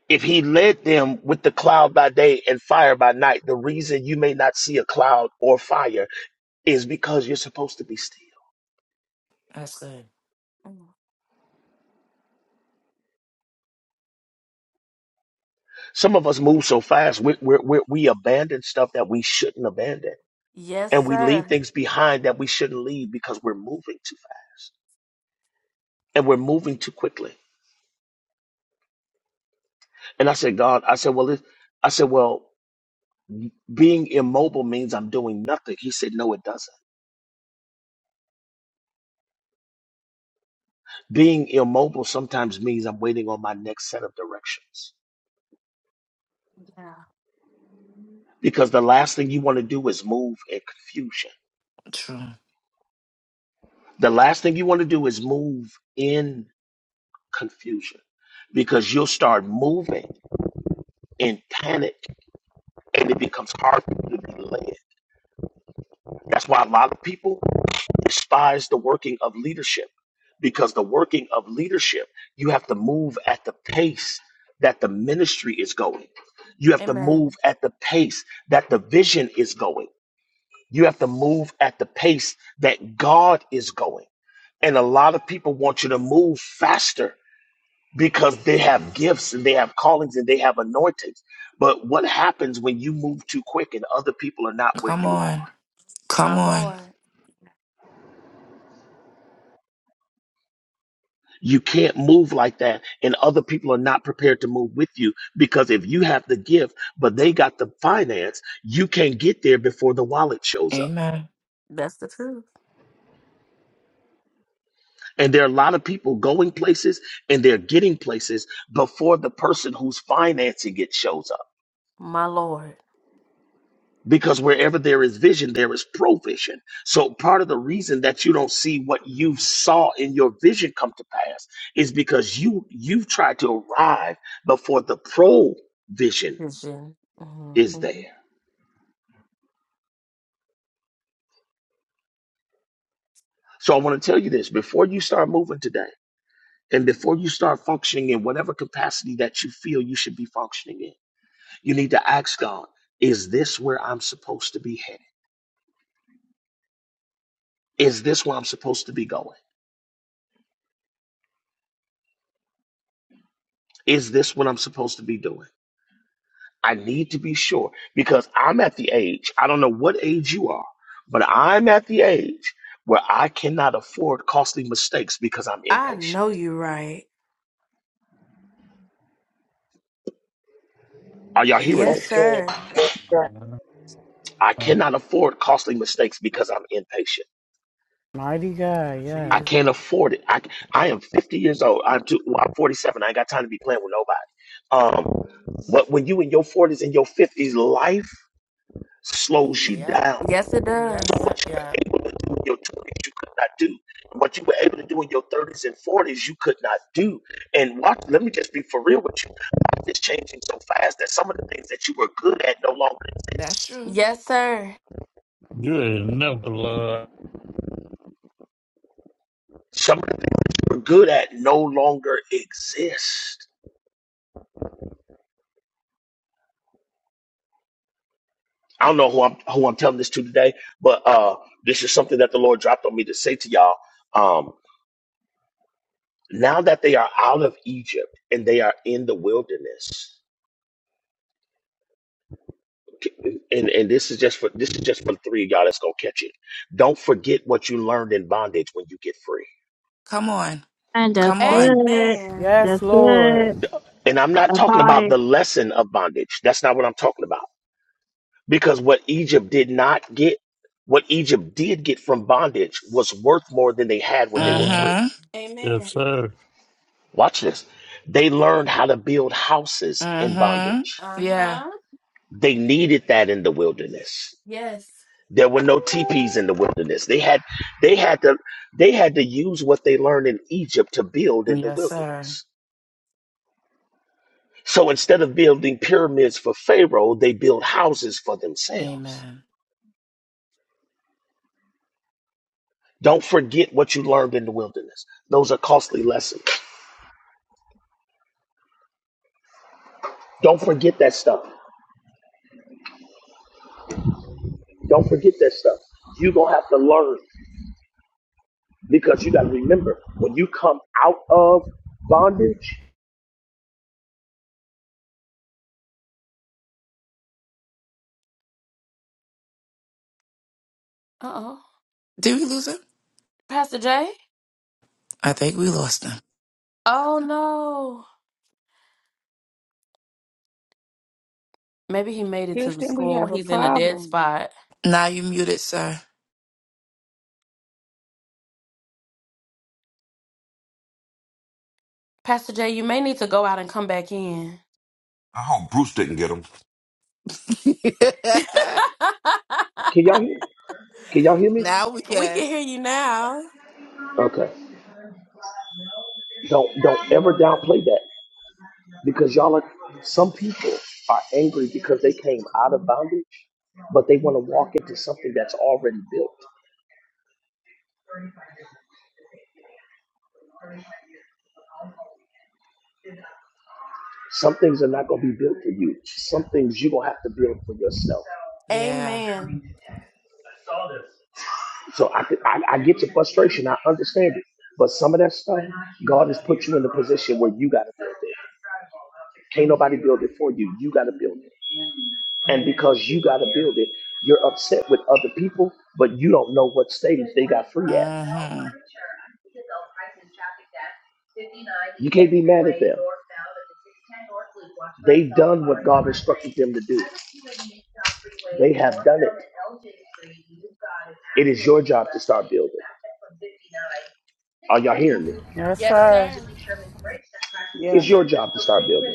S2: If he led them with the cloud by day and fire by night, the reason you may not see a cloud or fire is because you're supposed to be still.
S3: That's good.
S2: Some of us move so fast, we, we, we, we abandon stuff that we shouldn't abandon. And we leave things behind that we shouldn't leave because we're moving too fast and we're moving too quickly. And I said, God, I said, well, it, I said, well, being immobile means I'm doing nothing. He said, no, it doesn't. Being immobile sometimes means I'm waiting on my next set of directions because the last thing you want to do is move in confusion.
S3: True.
S2: The last thing you want to do is move in confusion because you'll start moving in panic and it becomes hard for you to be led. That's why a lot of people despise the working of leadership because the working of leadership, you have to move at the pace that the ministry is going. You have to move at the pace that the vision is going. You have to move at the pace that God is going. And a lot of people want you to move faster because they have gifts and they have callings and they have anointings. But what happens when you move too quick and other people are not where
S3: Come
S2: you are?
S3: on. Come on.
S2: You can't move like that and other people are not prepared to move with you because if you have the gift, but they got the finance, you can't get there before the wallet shows up.
S3: Amen.
S2: And there are a lot of people going places and they're getting places before the person who's financing it shows up. Because wherever there is vision, there is provision. So part of the reason that you don't see what you saw in your vision come to pass is because you you've tried to arrive before the provision is there. So I want to tell you this before you start moving today and before you start functioning in whatever capacity that you feel you should be functioning in. You need to ask God, is this where I'm supposed to be headed? Is this where I'm supposed to be going? Is this what I'm supposed to be doing? I need to be sure because I'm at the age, I don't know what age you are, but I'm at the age where I cannot afford costly mistakes because I'm impatient. Are y'all hearing me?
S4: That's good. That's good.
S2: I
S12: uh,
S2: cannot afford costly mistakes because I'm impatient.
S14: Mighty God,
S2: I
S14: yes.
S2: can't afford it. I I am 50 years old. I'm too, well, I'm 47. I ain't got time to be playing with nobody. Um, but when you in your 40s and your 50s, life slows you
S3: Yep,
S2: down.
S3: yep,
S2: So
S3: yep,
S2: what you were
S3: yep.
S2: able to do in your 20s, you could not do. And What you were able to do in your 30s and 40s, you could not do. And watch, let me just be for real with you. Life is changing so fast that some of the things that you were good at no longer exist.
S3: That's true.
S12: you ain't never love,
S2: Some of them were good at no longer exist. I don't know who I'm who I'm telling this to today, but uh, this is something that the Lord dropped on me to say to y'all. Um, now that they are out of Egypt and they are in the wilderness, and and this is just for this is just for the three of y'all that's gonna catch it. Don't forget what you learned in bondage when you get free.
S3: Come on.
S8: And that's
S3: Come on.
S8: good.
S14: Yes,
S8: That's good.
S14: Lord.
S2: And I'm not
S8: I
S2: talking
S8: caught
S2: about
S8: it.
S2: the lesson of bondage. That's not what I'm talking about. Because what Egypt did not get, what Egypt did get from bondage was worth more than they had when they were
S12: man,
S2: free.
S3: Mm-hmm.
S12: yes, sir,
S2: Watch this. They learned how to build houses in
S3: Mm-hmm.
S2: bondage.
S3: Yeah.
S2: They needed that in the wilderness. There were no teepees in the wilderness. They had they had to they had to use what they learned in Egypt to build in the
S3: Yes, sir.
S2: wilderness. So instead of building pyramids for Pharaoh, they build houses for themselves.
S3: Amen.
S2: Don't forget what you learned in the wilderness. Those are costly lessons. Don't forget that stuff. Don't forget that stuff. You're gonna have to learn. Because you got to remember, when you come out of bondage,
S3: Did we lose him? I think we lost him.
S13: Houston, we have a problem.
S3: Now you muted, sir.
S9: I hope Bruce didn't get him.
S2: can y'all hear? Can y'all hear me?
S3: now we can.
S2: Okay. Don't don't ever downplay that because y'all are some people are angry because they came out of bondage, but they want to walk into something that's already built. Some things are not going to be built for you. Some things you're gonna have to build for yourself.
S3: Yeah.
S2: So I, could- I I get your frustration. I understand it. But some of that stuff, God has put you in a position where you got to build it. Can't nobody build it for you. You got to build it. And because you got to build it, you're upset with other people, but you don't know what stage they got free at.
S3: Mm-hmm.
S2: You can't be mad at them. They've done what God instructed them to do. They have done it. It is your job to start building. Are y'all hearing me?
S14: Yes, sir.
S2: It's
S13: Yes.
S2: your job to start building.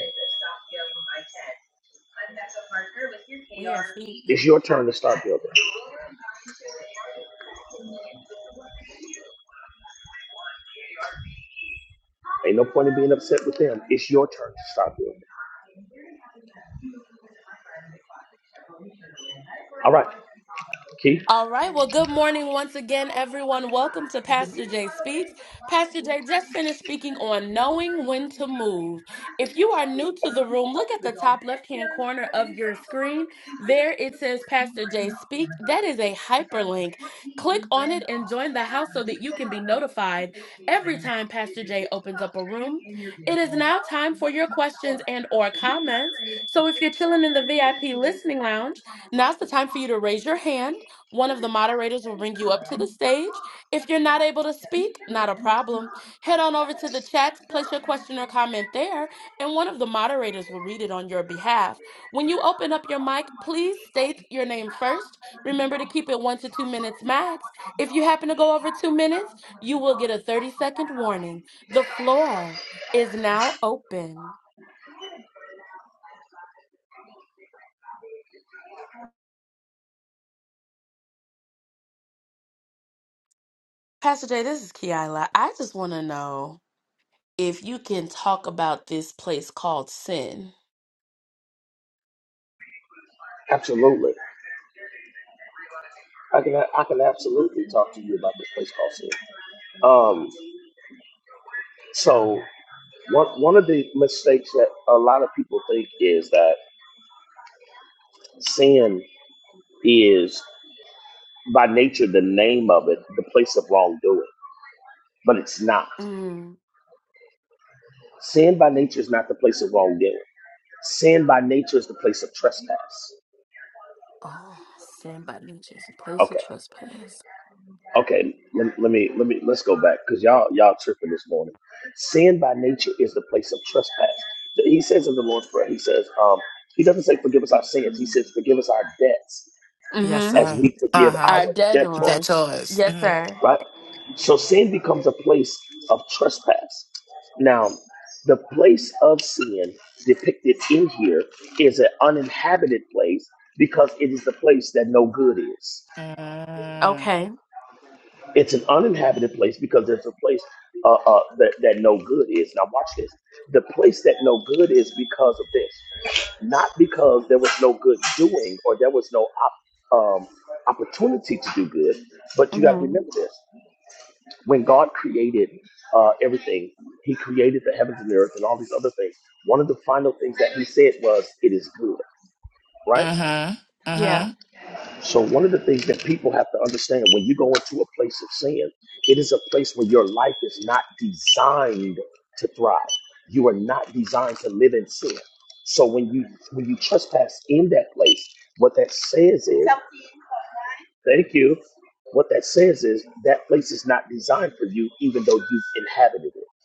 S2: It's your turn to start building. Ain't no point in being upset with them. It's your turn to start building. All right, Keith. Absolutely. I can I can absolutely talk to you about this place called sin. Um, so one one of the mistakes that a lot of people think is that sin is by nature the name of it, the place of wrongdoing, but it's not. Sin by nature is not the place of wrongdoing. Sin by nature is the place of trespass. Okay. Okay, let, let me let me let's go back because y'all y'all tripping this morning. Sin by nature is the place of trespass. He says in the Lord's Prayer, he says, um, he doesn't say forgive us our sins. He says forgive us our debts
S3: Yes,
S2: as
S3: sir.
S2: we forgive
S3: Uh-huh.
S2: our
S3: That's
S2: debtors.
S3: yours. Mm-hmm.
S2: Right. So sin becomes a place of trespass. Now, the place of sin depicted in here is an uninhabited place because it is the place that no good is. It's an uninhabited place because there's a place uh, uh, that, that no good is. Now, watch this. The place that no good is because of this, not because there was no good doing or there was no op- um, opportunity to do good. But you got to remember this: when God created uh, everything, He created the heavens and the earth and all these other things. One of the final things that He said was, "It is good." Right?
S3: Mm-hmm. Mm-hmm.
S2: So one of the things that people have to understand when you go into a place of sin, it is a place where your life is not designed to thrive. You are not designed to live in sin. So when you when you trespass in that place, what that says is thank you. What that says is that place is not designed for you, even though you've inhabited it.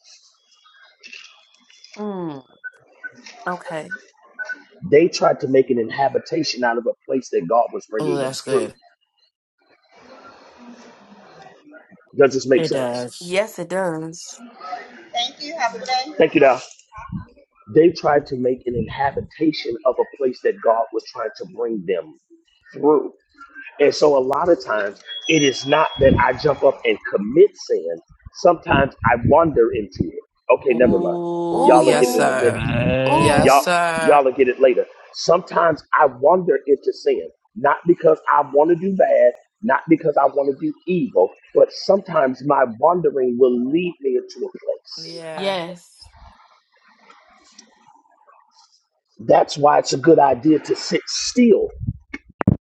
S2: They tried to make an inhabitation out of a place that God was
S3: Oh,
S2: bringing them
S3: that's
S2: through.
S3: good.
S2: Does this make
S3: It
S2: sense?
S3: does.
S2: Thank you, Doc. They tried to make an inhabitation of a place that God was trying to bring them through. And so a lot of times it is not that I jump up and commit sin. Sometimes I wander into it. Okay, never mind.
S3: Oh
S2: Y'all will get
S3: yes,
S2: it in a
S3: sir.
S2: minute.
S12: man,
S3: Yes,
S2: Y'all y'all
S3: sir.
S2: will get it later. Sometimes I wander into sin, not because I want to do bad, not because I want to do evil, but sometimes my wandering will lead me into a place.
S3: Yeah.
S2: That's why it's a good idea to sit still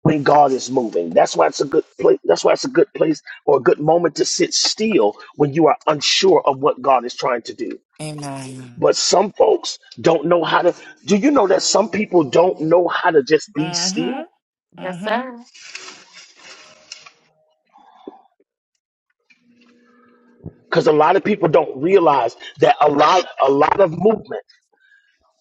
S2: when God is moving. That's why it's a good place. That's why it's a good place or a good moment to sit still when you are unsure of what God is trying to do.
S3: Amen.
S2: But some folks don't know how to. Do you know that some people don't know how to just be
S3: Mm-hmm.
S2: still?
S3: Mm-hmm.
S2: Because a lot of people don't realize that a lot, a lot of movement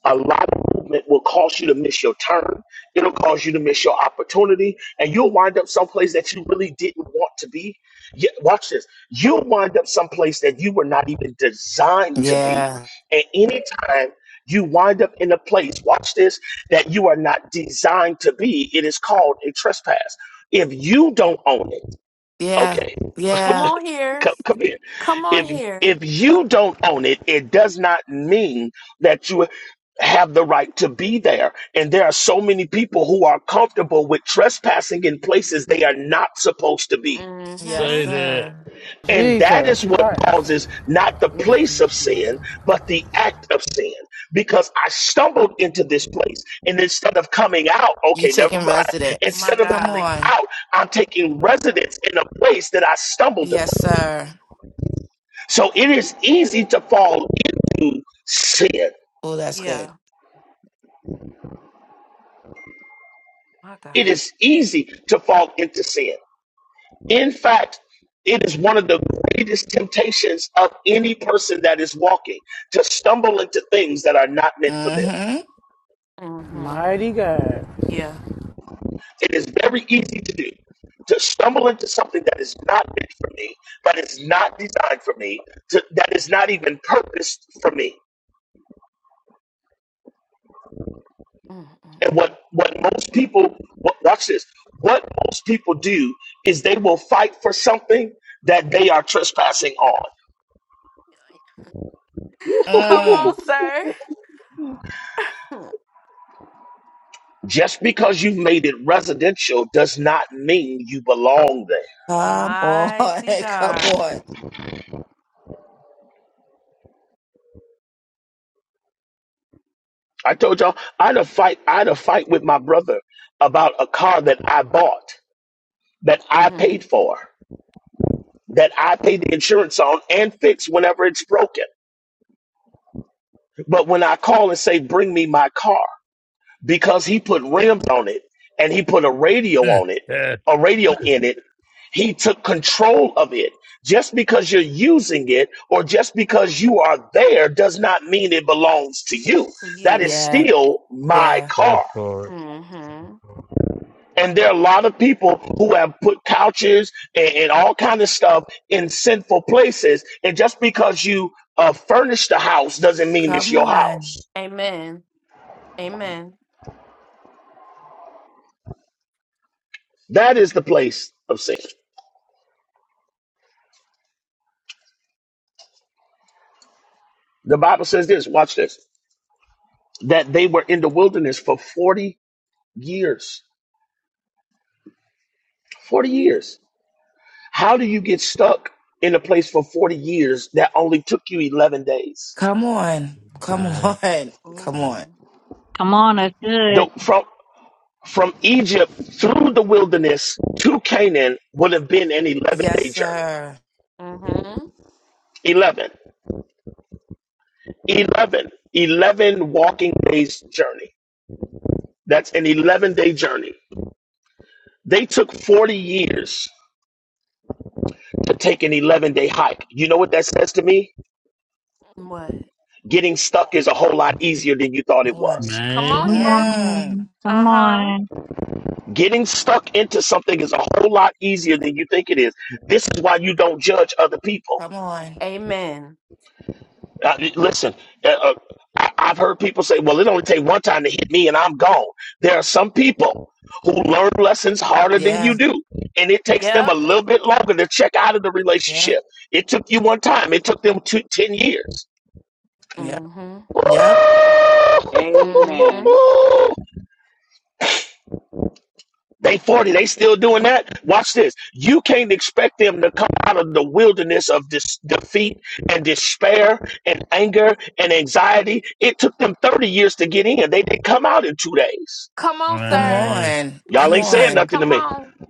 S2: A lot of movement will cause you to miss your turn. It'll cause you to miss your opportunity, and you'll wind up someplace that you really didn't want to be. Yeah, watch this. You'll wind up someplace that you were not even designed to be.
S3: Yeah.
S2: And anytime you wind up in a place, watch this, that you are not designed to be, it is called a trespass. If you don't own it,
S3: Yeah.
S2: okay?
S3: Yeah.
S2: Come, come here. If if you don't own it, it does not mean that you have the right to be there. And there are so many people who are comfortable with trespassing in places they are not supposed to be.
S3: Yes,
S12: say that.
S3: sir.
S2: And that is
S14: Jesus
S2: what
S14: Christ.
S2: causes not the place of sin, but the act of sin. Because I stumbled into this place, and instead of coming out,
S3: You
S2: okay, never
S3: taking
S2: mind.
S3: residence.
S2: Instead of
S3: Come
S2: coming
S3: on.
S2: out, I'm taking residence in a place that I stumbled upon.
S3: Yes, sir.
S2: So it is easy to fall into sin.
S3: Oh, that's good.
S2: It is easy to fall into sin. In fact, it is one of the greatest temptations of any person that is walking to stumble into things that are not meant for them.
S3: Mm-hmm.
S14: Mighty God.
S2: It is very easy to do to stumble into something that is not meant for me, that is not designed for me, to, that is not even purposed for me. And what, what most people, what, watch this, what most people do is they will fight for something that they are trespassing on.
S3: Mm.
S2: Just because you've made it residential does not mean you belong there.
S3: Come on. Come on.
S2: I told y'all I had a fight, I had a fight with my brother about a car that I bought, that I paid for, that I paid the insurance on and fixed whenever it's broken. But when I call and say, bring me my car, because he put rims on it and he put a radio on it, a radio in it. He took control of it. Just because you're using it or just because you are there does not mean it belongs to you. That is
S3: Yeah.
S2: still my
S3: Yeah.
S2: car.
S12: Airport.
S2: And there are a lot of people who have put couches and, and all kind of stuff in sinful places. And just because you uh, furnish the house doesn't mean it's
S3: Come
S2: your house.
S3: on.
S2: That is the place of sin. The Bible says this. Watch this. that they were in the wilderness for 40 years. 40 years. How do you get stuck in a place for 40 years that only took you 11 days?
S3: Come on. Come
S12: Man.
S3: on. Come on.
S8: Come on, that's good.
S2: The, from from Egypt through the wilderness to Canaan would have been an 11
S3: Yes,
S2: day journey.
S3: sir.
S2: 11. 11. 11 walking days journey. That's an 11 day journey. They took 40 years to take an 11 day hike. You know what that says to me? Getting stuck is a whole lot easier than you thought it
S3: What?
S2: was.
S12: Man.
S8: Come
S3: Mm.
S8: on. Come on.
S2: Getting stuck into something is a whole lot easier than you think it is. This is why you don't judge other people.
S3: Come on.
S2: Uh, listen, uh, uh, I, I've heard people say, well, it only takes one time to hit me and I'm gone. There are some people who learn lessons harder than you
S3: Yeah.
S2: do. And it takes them a little bit longer to check out of the relationship.
S3: Yep.
S2: It took you one time. It took them two, 10 years.
S3: Yep. Yep.
S13: Amen.
S2: They 40, they still doing that. Watch this. You can't expect them to come out of the wilderness of this defeat and despair and anger and anxiety. It took them 30 years to get in. They didn't come out in two days.
S3: Come
S12: Man.
S3: on.
S2: Y'all
S3: Come
S2: ain't saying
S3: on.
S2: nothing to me.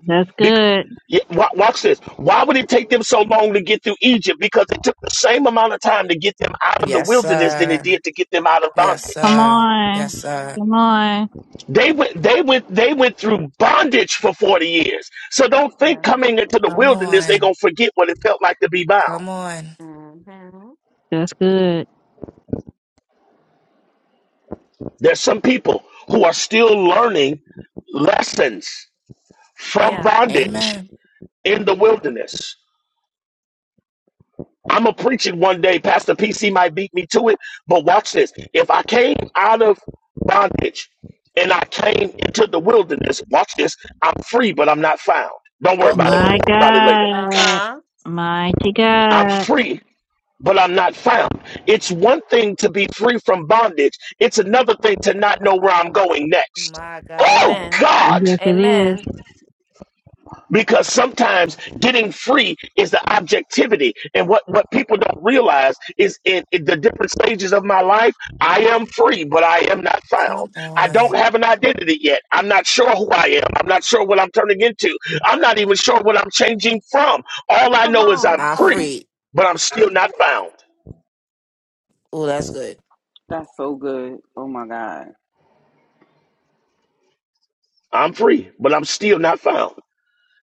S8: That's
S2: Bec-
S8: good.
S2: yeah, wa- watch this. Why would it take them so long to get through Egypt? Because it took the same amount of time to get them out of the
S3: Yes,
S2: wilderness than it
S3: sir.
S2: did to get them out of
S3: Yes,
S2: bondage.
S8: Come
S3: sir.
S8: on.
S3: Yes, sir.
S8: Come on.
S2: They went, they went, they went through bondage for 40 years. So don't think coming into the
S3: Come
S2: wilderness, they're
S3: on.
S2: going to forget what it felt like to be bound.
S3: Come on.
S8: That's good.
S2: There's some people who are still learning lessons from bondage
S3: Amen.
S2: in the wilderness. I'm going to preach it one day. Pastor PC might beat me to it, but watch this. If I came out of bondage and I came into the wilderness, watch this. I'm free, but I'm not found. Don't worry about
S12: Man.
S2: it. We'll
S8: My
S3: Oh,
S2: talk about it later.
S8: God. Mighty
S2: I'm
S8: God.
S2: free, but I'm not found. It's one thing to be free from bondage, it's another thing to not know where I'm going next.
S3: my
S2: Oh,
S3: God.
S2: God!
S8: Yes, it is.
S2: Because sometimes getting free is the objectivity. And what, what people don't realize is in, in the different stages of my life, I am free, but I am not
S3: Come
S2: found. I
S3: on.
S2: don't have an identity yet. I'm not sure who I am. I'm not sure what I'm turning into. I'm not even sure what I'm changing from. All I know is I'm
S3: I'm
S2: free,
S3: free.
S2: but I'm still not found.
S3: Oh, that's good.
S13: That's so good. Oh my god.
S2: I'm free, but I'm still not found.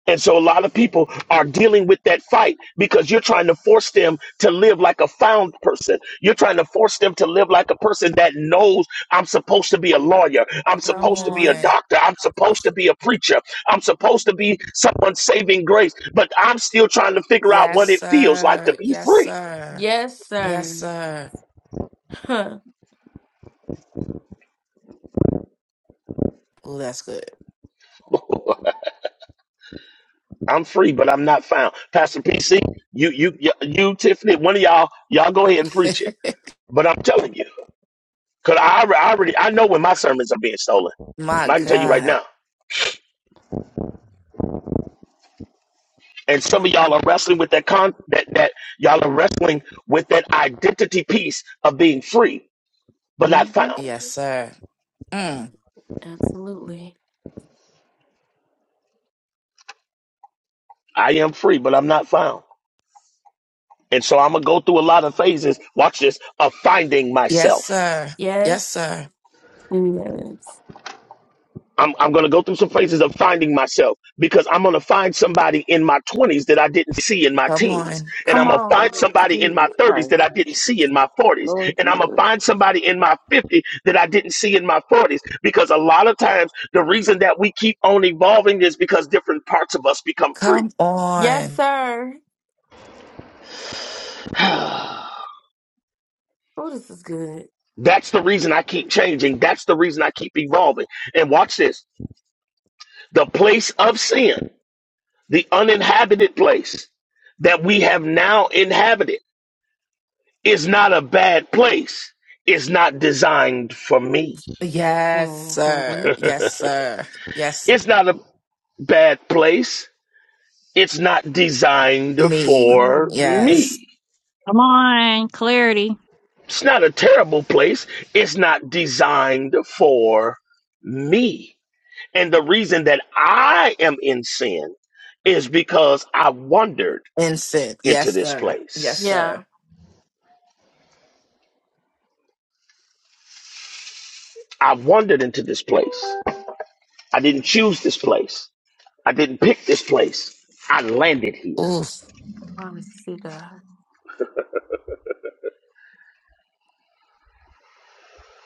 S2: And so a lot of people are dealing with that fight because you're trying to force them to live like a found person. You're trying to force them to live like a person that knows I'm supposed to be a lawyer. I'm
S3: Come
S2: supposed to be a
S3: on.
S2: doctor. I'm supposed to be a preacher. I'm supposed to be someone saving grace, but I'm still trying to figure out
S3: Yes,
S2: what it feels like to
S3: sir.
S2: be
S3: Yes,
S2: free.
S3: sir. Yes, sir. Oh, that's good.
S2: I'm free, but I'm not found. Pastor PC, you, you, you, you Tiffany, one of y'all, y'all go ahead and preach it. But I'm telling you. Cause I, alre- I already I know when my sermons are being stolen.
S3: my
S2: I can tell you right
S3: God.
S2: now. And some of y'all are wrestling with that con that that y'all are wrestling with that identity piece of being free but not found.
S3: Yes, sir. Mm.
S2: I am free, but I'm not found. And so I'm gonna go through a lot of phases. Watch this of finding
S3: Yes,
S2: myself.
S3: sir. Yes, sir.
S2: I'm, I'm going to go through some phases of finding myself because I'm going to find somebody in my 20s that I didn't see in my
S3: Come
S2: teens.
S3: on.
S2: And I'm going to find somebody in my
S13: Jesus
S2: 30s that
S13: Christ.
S2: I didn't see in my 40s.
S13: Lord
S2: And I'm going to
S13: Jesus.
S2: find somebody in my 50s that I didn't see in my 40s. Because a lot of times, the reason that we keep on evolving is because different parts of us become free.
S3: Come on.
S2: That's the reason I keep changing. That's the reason I keep evolving. And watch this the place of sin, the uninhabited place that we have now inhabited It's not a bad place. It's not designed for me.
S3: Yes, sir. Yes, sir. Yes,
S2: It's not a bad place. It's not designed
S3: me.
S2: for
S3: Yes.
S2: me.
S8: Come on. Clarity.
S2: It's not a terrible place. It's not designed for me. And the reason that I am in sin is because I wandered
S3: Instant.
S2: into
S3: Yes,
S2: this
S3: sir. Yes,
S2: place.
S3: sir.
S2: I wandered into this place. I didn't choose this place. I didn't pick this place. I landed here.
S3: Oof.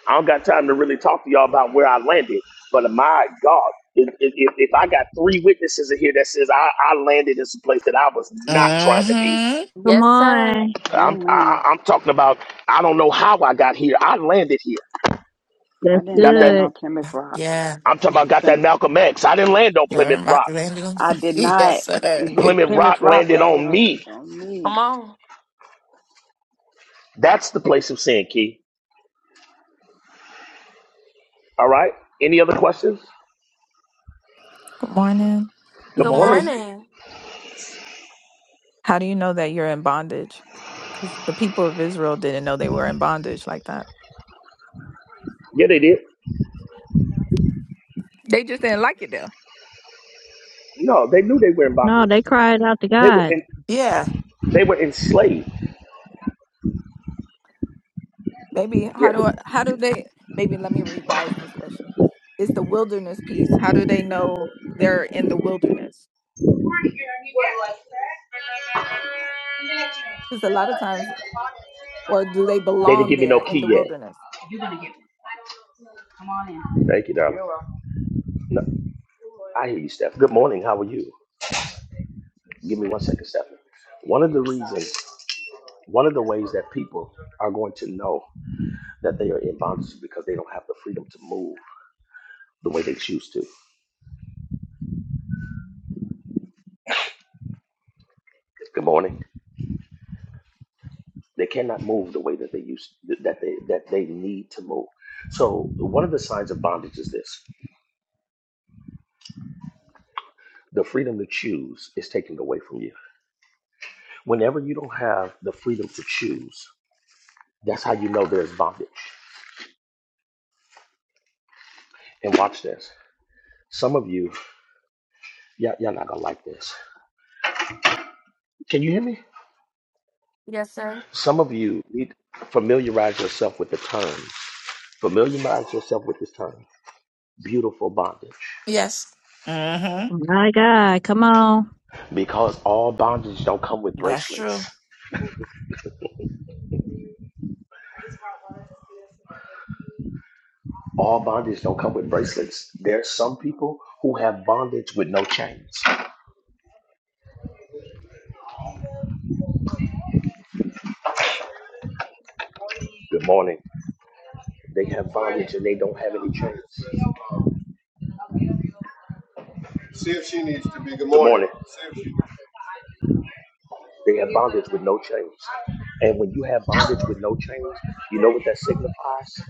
S2: I don't got time to really talk to y'all about where I landed, but my God, if, if, if I got three witnesses in here that says I, I landed in some place that I was not trying to be,
S3: Mm-hmm.
S8: Come on.
S2: I'm
S13: Amen.
S2: I- I'm talking about I don't know how I got here. I landed here.
S13: I
S8: That's
S13: didn't
S2: Got that?
S13: land
S8: good.
S13: on Plymouth Rock.
S3: Yeah.
S2: I'm talking about got
S13: Plymouth.
S2: that Malcolm X. I didn't land on Plymouth
S3: Sir,
S2: Rock.
S3: Dr. Angela.
S13: I did
S3: yes,
S13: not.
S3: sir. Good
S2: Plymouth
S13: Plymouth
S2: Rock
S13: Rock
S2: landed
S13: landed
S2: on
S13: on,
S2: me.
S13: on me.
S2: That's the place of sin, Key. All right. Any other questions?
S15: Good morning.
S2: Good morning.
S3: morning.
S15: How do you know that you're in bondage? Because the people of Israel didn't know they were in bondage like that.
S2: Yeah, they did.
S15: They just didn't like it there.
S2: No, they knew they were in bondage.
S8: No, they cried out to
S2: They were
S8: God.
S2: in,
S3: Yeah.
S2: they were enslaved.
S15: Maybe
S2: Yeah.
S15: how do I, how do they? Maybe let me revise this question. It's the wilderness piece. How do they know they're in the wilderness? Because a lot of times, or do they
S2: They didn't
S15: belong
S2: give me no
S15: there in
S2: key
S15: the
S2: yet.
S15: wilderness?
S2: Thank you, darling. No, I hear you, Steph. Good morning. How are you? Give me one second, Steph. One of the reasons, one of the ways that people are going to know that they are in bondage is because they don't have the freedom to move the way they choose to. Good morning. They cannot move the way that they used that they that they need to move. So one of the signs of bondage is this: the freedom to choose is taken away from you. Whenever you don't have the freedom to choose, that's how you know there's bondage. And watch this. Some of you, y'all, y'all not gonna like this. Can you hear me? Some of you need to familiarize yourself with the term. Familiarize yourself with this term. Beautiful bondage.
S3: Yes. Mm-hmm.
S8: My God. Come on.
S2: Because all bondage don't come with
S3: That's
S2: bracelets.
S3: true.
S2: All bondage don't come with bracelets. There's some people who have bondage with no chains. Good morning. They have bondage and they don't have any chains. See if she needs to be. Good Good morning. morning. See if she. They have bondage with no chains. And when you have bondage with no chains, you know what that signifies?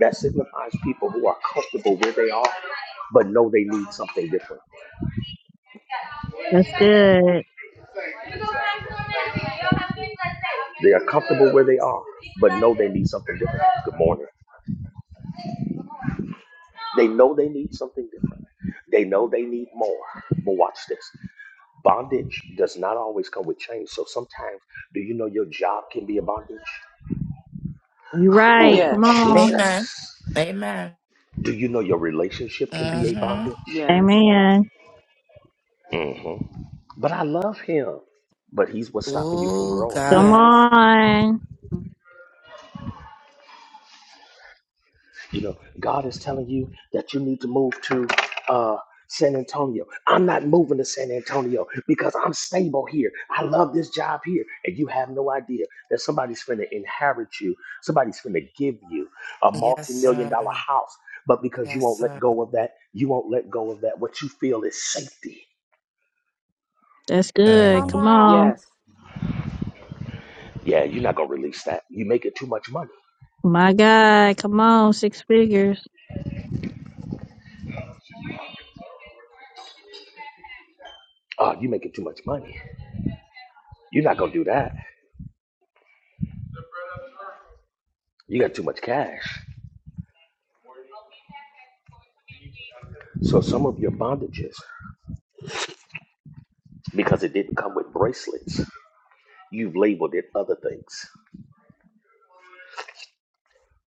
S2: That signifies people who are comfortable where they are, but know they need something different.
S8: That's good.
S2: They are comfortable where they are, but know they need something different. Good morning. They know they need something different. They know they need more. But watch this. Bondage does not always come with change. So sometimes, do you know your job can be a bondage?
S8: You right.
S2: Oh,
S13: Yes,
S8: Come on.
S2: Jesus.
S3: Amen. Amen.
S2: Do you know your relationship can be a
S3: Mm-hmm.
S2: bondage?
S13: yes,
S8: Amen.
S2: But I love him. But he's what's stopping you from
S3: Oh
S2: growing.
S8: Come
S3: God.
S13: yes,
S8: on.
S2: You know, God is telling you that you need to move to uh, San Antonio. I'm not moving to San Antonio because I'm stable here. I love this job here. And you have no idea that somebody's going to inherit you, somebody's going to give you a multi
S3: Yes,
S2: million
S3: sir.
S2: dollar house. But because you
S3: Yes,
S2: won't let
S3: sir.
S2: go of that, you won't let go of that. What you feel is safety.
S8: That's good. Come on.
S13: yes.
S2: Yeah, you're not going to release that. You make it too much money.
S8: My God. Come on. Six figures.
S2: Oh, you making too much money. You're not going to do that. You got too much cash. So some of your bondages, because it didn't come with bracelets, you've labeled it other things.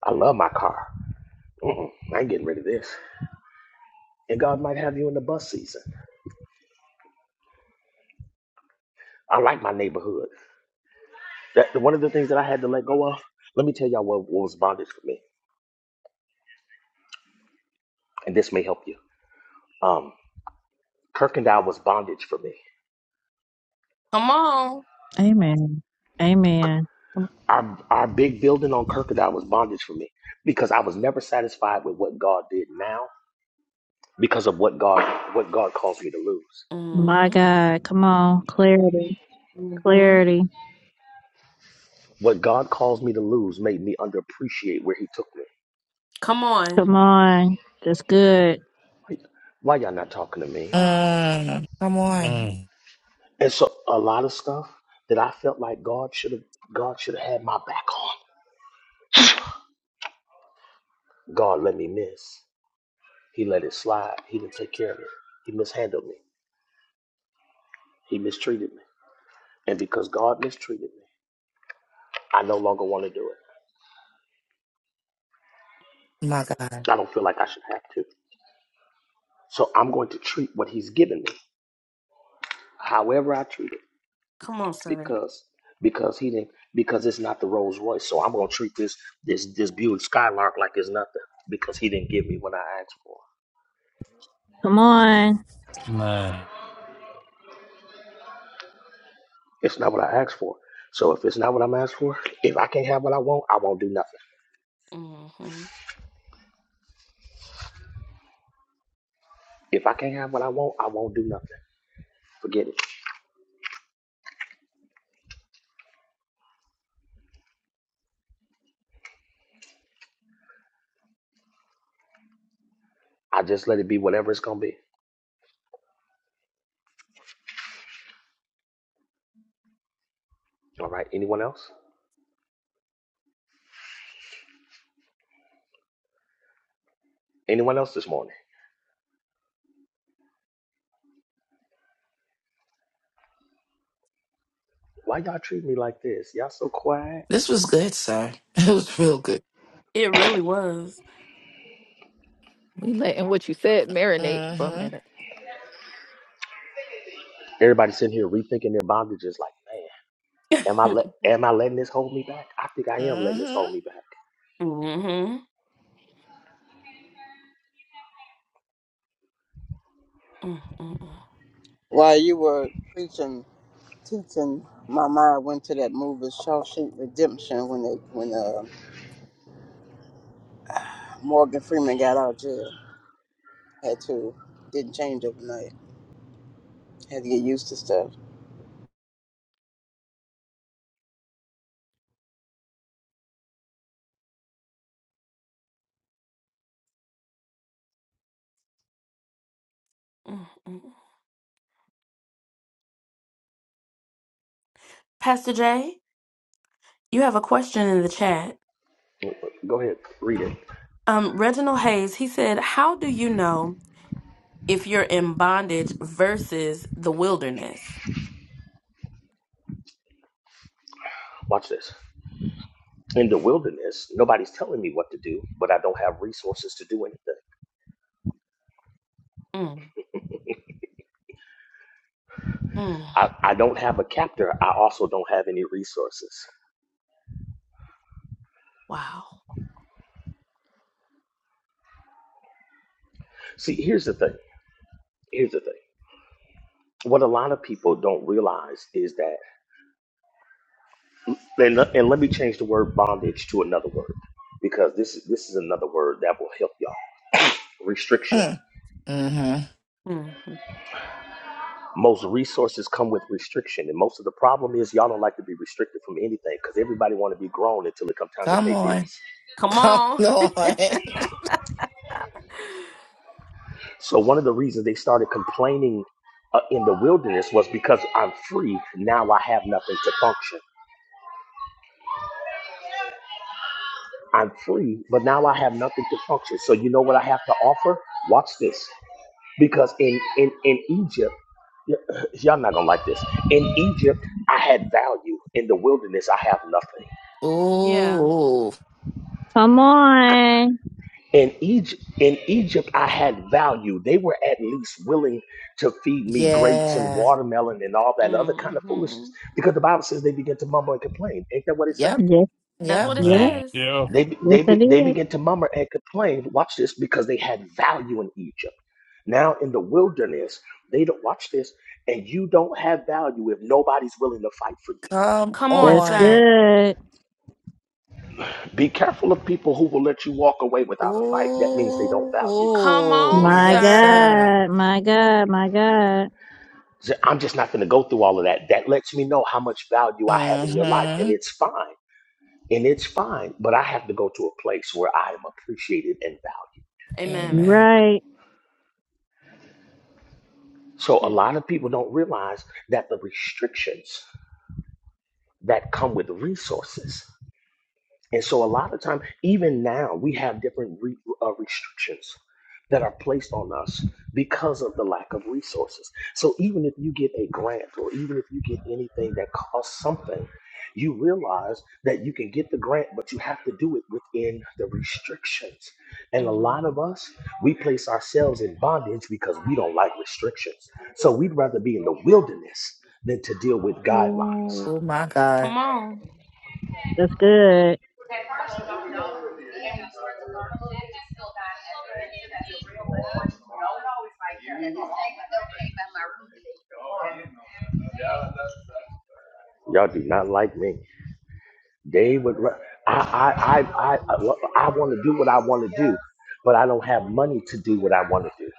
S2: I love my car. Mm-mm, I ain't getting rid of this. And God might have you in the bus season. I like my neighborhood. That one of the things that I had to let go of. Let me tell y'all what, what was bondage for me, and this may help you. Um, Kirkendall was bondage for me.
S8: Amen. Amen. Oh
S2: Our our big building on Kirkendall was bondage for me because I was never satisfied with what God did now because of what God what God caused me to lose.
S8: My God, come on. Clarity. Clarity.
S2: What God caused me to lose made me underappreciate where He took me.
S8: Come on. That's good.
S2: Like, why y'all not talking to me?
S3: Mm. Come on.
S12: Man.
S2: And so a lot of stuff that I felt like God should have God should have had my back on. God let me miss. He let it slide. He didn't take care of it. He mishandled me. He mistreated me. And because God mistreated me, I no longer want to do it.
S3: My God.
S2: I don't feel like I should have to. So I'm going to treat what He's given me, however I treat it. because because he didn't because it's not the Rolls Royce. So I'm gonna treat this this this Buick Skylark like it's nothing because he didn't give me what I asked for.
S8: Come on.
S12: Man.
S2: It's not what I asked for. So if it's not what I'm asked for, if I can't have what I want, I won't do nothing. If I can't have what I want, I won't do nothing. Forget it. I just let it be whatever it's gonna be. All right. Anyone else? Anyone else this morning? Why y'all treat me like this? Y'all so quiet.
S3: This was good, sir. It was real good.
S15: We letting what you said marinate for a
S3: Mm-hmm.
S15: minute.
S2: Everybody sitting here rethinking their bondages. Like, man, am I let am I letting this hold me back? I think I am letting this hold me
S3: Mm-hmm.
S2: back.
S7: While you were preaching, teaching, my mind went to that movie Shawshank Redemption when they when uh, Morgan Freeman got out of jail. Had to didn't change overnight. Had to get used to stuff.
S2: Go ahead, read it. Watch this. In the wilderness, nobody's telling me what to do, but I don't have resources to do anything. I, I don't have a captor. I also don't have any resources. See, here's the thing. Here's the thing. What a lot of people don't realize is that, and, le- and let me change the word bondage to another word because this is this is another word that will help y'all. Restriction.
S3: Mm-hmm.
S2: Most resources come with restriction, and most of the problem is y'all don't like to be restricted from anything because everybody want to be grown until it comes time to
S3: Come
S2: pay
S3: on.
S2: bills.
S3: Come on.
S2: So one of the reasons they started complaining uh, in the wilderness was because I'm free. Now I have nothing to function. I'm free, but now I have nothing to function. So you know what I have to offer? Watch this. Because in in in Egypt, y'all not gonna like this. In Egypt, I had value. In the wilderness, I have nothing.
S3: Ooh.
S8: Come on.
S2: In Egypt, in Egypt, I had value. They were at least willing to feed me grapes and
S3: Yeah.
S2: watermelon and all that other kind of foolishness, because the Bible says they begin to murmur and complain. Ain't that what it says?
S3: Yep.
S8: Yes,
S3: Yep.
S8: yep.
S12: Man. Yeah.
S2: They be-
S8: Yes,
S2: they be-
S8: it
S2: they
S8: is.
S2: begin to murmur and complain. Watch this, because they had value in Egypt. Now in the wilderness, they don't watch this, and you don't have value if nobody's willing to fight for you.
S3: Come
S8: That's
S3: on.
S8: good.
S2: Be careful of people who will let you walk away without a fight. That means they don't value you.
S3: Ooh.
S8: My
S3: Yes, sir.
S8: God. My God. My God.
S2: i I'm just not going to go through all of that. That lets me know how much value I have in your life, and
S3: Mm-hmm.
S2: it's fine. And it's fine, but I have to go to a place where I am appreciated and valued.
S8: You're
S3: Amen.
S8: right.
S2: So a lot of people don't realize that the restrictions that come with resources And so a lot of time, even now, we have different re- uh, restrictions that are placed on us because of the lack of resources. So even if you get a grant or even if you get anything that costs something, you realize that you can get the grant, but you have to do it within the restrictions. And a lot of us, we place ourselves in bondage because we don't like restrictions. So we'd rather be in the wilderness than to deal with guidelines.
S3: Oh my God.
S8: That's good.
S2: Y'all do not like me. They would. ra- I I I I, I want to do what I want to do, but I don't have money to do what I want to do.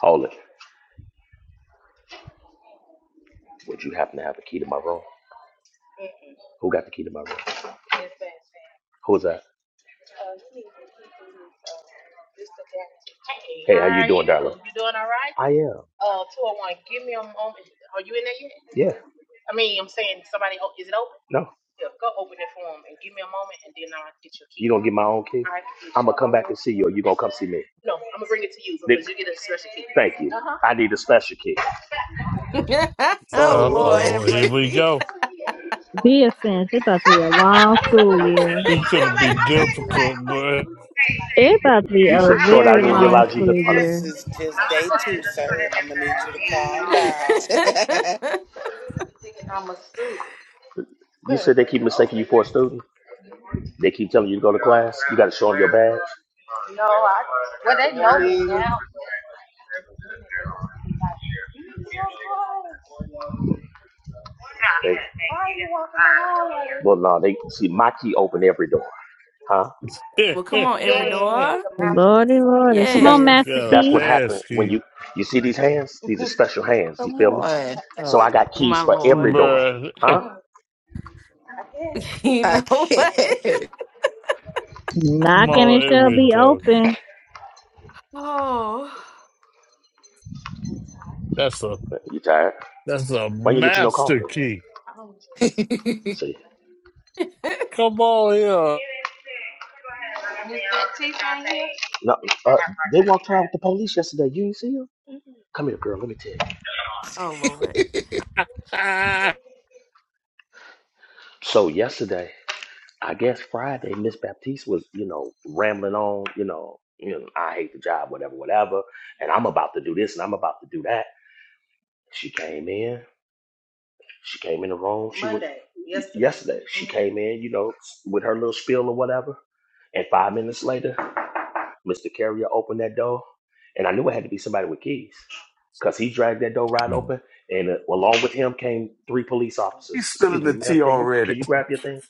S2: Hold it. Would you happen to have the key to my room? Who got the key to my room? Who's that? Hey, how you doing, darling? I am. Yeah. No. You gonna get my own key? I can I'm you gonna your come back and see you, or you gonna come see me? Thank you. Uh huh. I need a special key.
S3: Oh
S12: Uh
S3: Lord.
S12: oh. Here we go.
S8: Be offense. It's about to be a long school year.
S12: It's going to be difficult, bruh.
S8: It's about to be
S2: You
S8: a
S2: said short. I
S8: very
S2: didn't even
S8: long
S2: realize you was in
S8: school
S2: front of me.
S4: This
S8: year.
S4: is just day two, sir. I'm gonna need you to calm down.
S2: You said they keep mistaking you for a student. They keep telling you to go to class. You got to show them your badge. No, I. Well, they know me now. They, well, no, they see my key open every door, huh?
S8: Lordy, Lordy.
S2: See,
S8: Come
S2: that's
S8: on, Master
S12: Got a
S2: that's what
S8: Key.
S2: happened
S12: pass
S2: when you
S12: key.
S2: you see these hands. These are special hands. You
S3: Come
S2: feel me?
S3: on.
S2: So
S3: Oh
S2: I got
S3: Lord.
S2: keys for every door,
S12: Bruh.
S2: huh?
S3: I can't.
S12: Come
S8: Knocking
S12: on,
S8: it
S12: here
S8: shall
S12: we
S8: be
S12: go.
S8: open.
S12: That's a,
S2: Mm. You tired?
S12: that's a
S2: Why you get you no
S12: master
S2: coffee?
S12: key.
S2: See,
S12: Come on here.
S2: no, uh, they walked around with the police yesterday. You ain't see them? Come here, girl. Let me tell you. So yesterday. I guess Friday, Miss Baptiste was, you know, rambling on, you know, you know, I hate the job, whatever, whatever, and I'm about to do this and I'm about to do that. She came in, she came in the room, she was Monday. yesterday, she Mhm. came in, you know, with her little spiel or whatever, and five minutes later, Mr. Carrier opened that door, and I knew it had to be somebody with keys, cause he dragged that door right open, and uh, along with him came three police officers.
S9: He's
S2: Excuse
S9: spilling
S2: me,
S9: the
S2: ma'am,
S9: tea
S2: can you
S9: already.
S2: can you grab your things?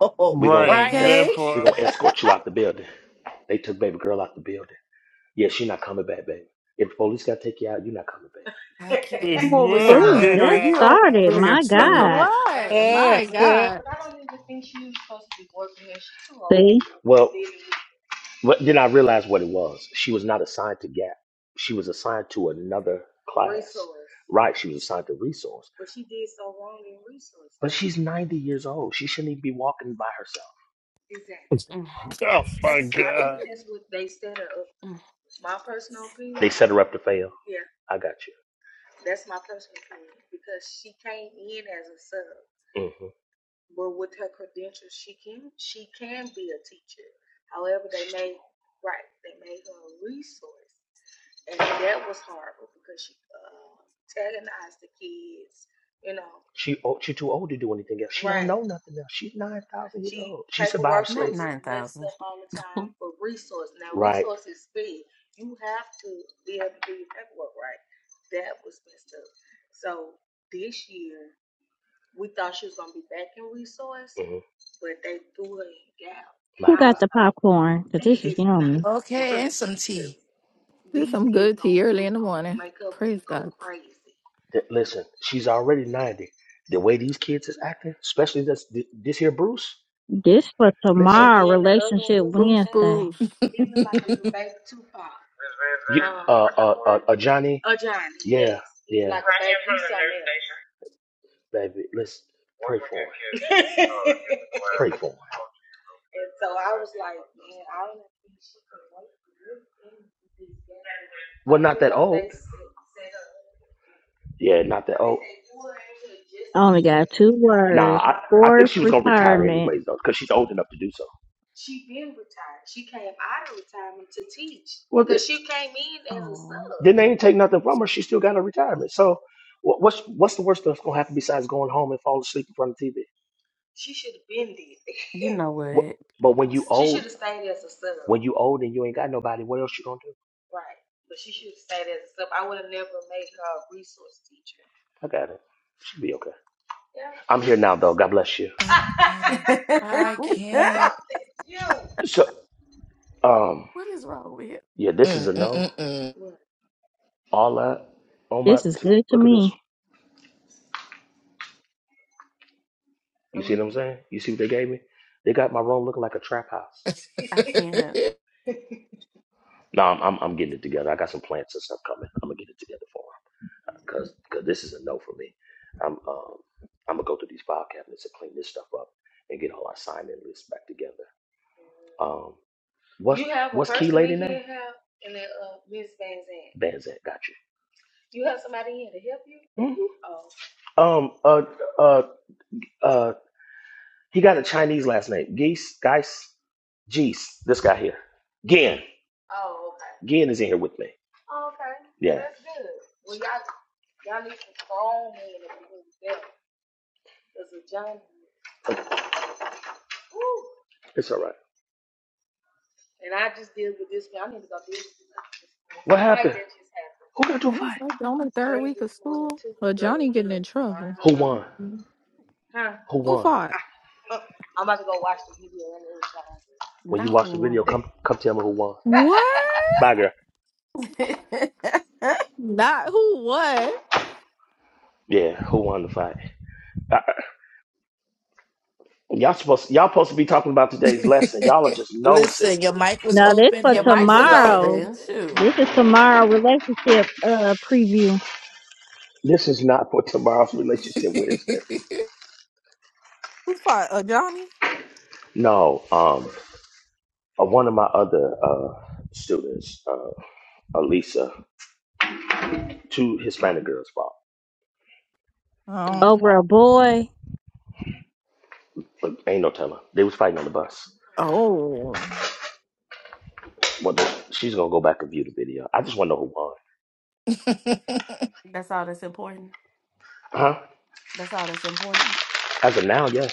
S3: Oh,
S2: We gonna
S12: right.
S2: esc-
S12: That
S3: okay.
S2: we
S12: part.
S2: gonna escort you out the building. They took baby girl out the building. Yeah, she not coming back, baby. If the police gotta take you out, you are not coming back.
S3: I can't it's
S9: I'm
S3: the
S9: over here
S8: School
S3: whisper.
S9: giggling.
S8: just
S9: He
S8: started.
S9: over here
S8: My
S9: telling them.
S8: God.
S15: What?
S12: oh
S15: My God.
S8: See,
S2: Well, but then I realized what it was. She was not assigned to Gap. She was assigned to another class. Right? She was assigned to resource. But she's 90 years old. She shouldn't even be walking by herself.
S12: my god.
S2: They opinion, set her up to fail. I got you. Mm-hmm. She old, she too old to do anything else. She don't know nothing else. She's nine thousand years old. She survived slavery. Right. hmm My
S8: who
S2: God.
S8: got the popcorn? Cause this is yummy.
S3: Okay, and some tea.
S15: This some good tea early in the morning. Praise God.
S2: Th- listen, she's already ninety. The way these kids is acting, especially this th- this here Bruce.
S8: This for
S2: Listen, and
S8: tomorrow,
S2: then
S8: Relationship
S15: Boosh,
S8: Wednesday.
S15: boosh.
S2: you um uh uh uh, uh Johnny. uh, Yeah, yes, yeah, like baby. Let's pray for him. Pray for him. Well, not that old. Yeah, not that old.
S8: I only got two
S2: Nah,
S8: words.
S2: I, I think
S8: Forced
S2: she was gonna retire
S8: retirement.
S2: anyways though, because she's old enough to do so. Well, they, Because she came in as a sub. then they ain't take nothing from her. She still got her retirement. So, what, what's what's the worst that's gonna happen besides going home and fall asleep in front of TV? What, but when you She old, should have stayed as a sub. when you old and you ain't got nobody, what else you gonna do? I got it. Should be okay. I'm here now though. God bless you.
S3: I can't. I can't.
S2: So, um, yeah, this is a
S3: Mm,
S2: no.
S3: mm, mm,
S2: All that. Oh my,
S8: This is
S2: see,
S8: good to
S2: look at this.
S8: me.
S2: You see what I'm saying? You see what they gave me? They got my room looking like a trap house.
S3: mm.
S2: No, I'm, I'm, I'm getting it together. I got some plants and stuff coming. I'm gonna get it together for them because this is a no for me. I'm um I'm gonna go through these file cabinets and clean this stuff up and get all our sign in lists back together. Um, what's what's key lady name? Zandt. Banzan, got you. Um, uh, uh, uh, he got a Chinese last name. Geese, Geis, Geese. This guy here, Gin. Gin is in here with me. Yeah. That's good. It's all right. deal What this fight happened? happened. Who got into a
S15: And
S2: fight?
S15: it's like the only third week of school. Well, Johnny getting in trouble.
S2: Who won?
S15: Who
S2: Who won?
S15: fought?
S2: When you watch the video, come come tell me who won.
S15: What?
S2: Bye, girl.
S15: Not who what?
S2: Yeah, who won the fight? Y'all supposed y'all supposed to be talking about today's lesson. Y'all are just nosy.
S3: Listen, your mic was
S8: No, this
S3: open
S8: for
S3: and we was
S8: tomorrow.
S3: listening.
S8: This is tomorrow relationship uh preview
S2: This is not for tomorrow's relationship Wednesday.
S15: Who fought? Uh, Johnny?
S2: No, um, uh, one of my other uh students, uh, Alisa, two Hispanic girls fought.
S15: Oh.
S8: over a boy.
S2: But ain't no telling. They was fighting on the bus.
S15: Oh.
S2: Well, she's gonna go back and view the video. I just want to know who won. Huh? As of now, yes.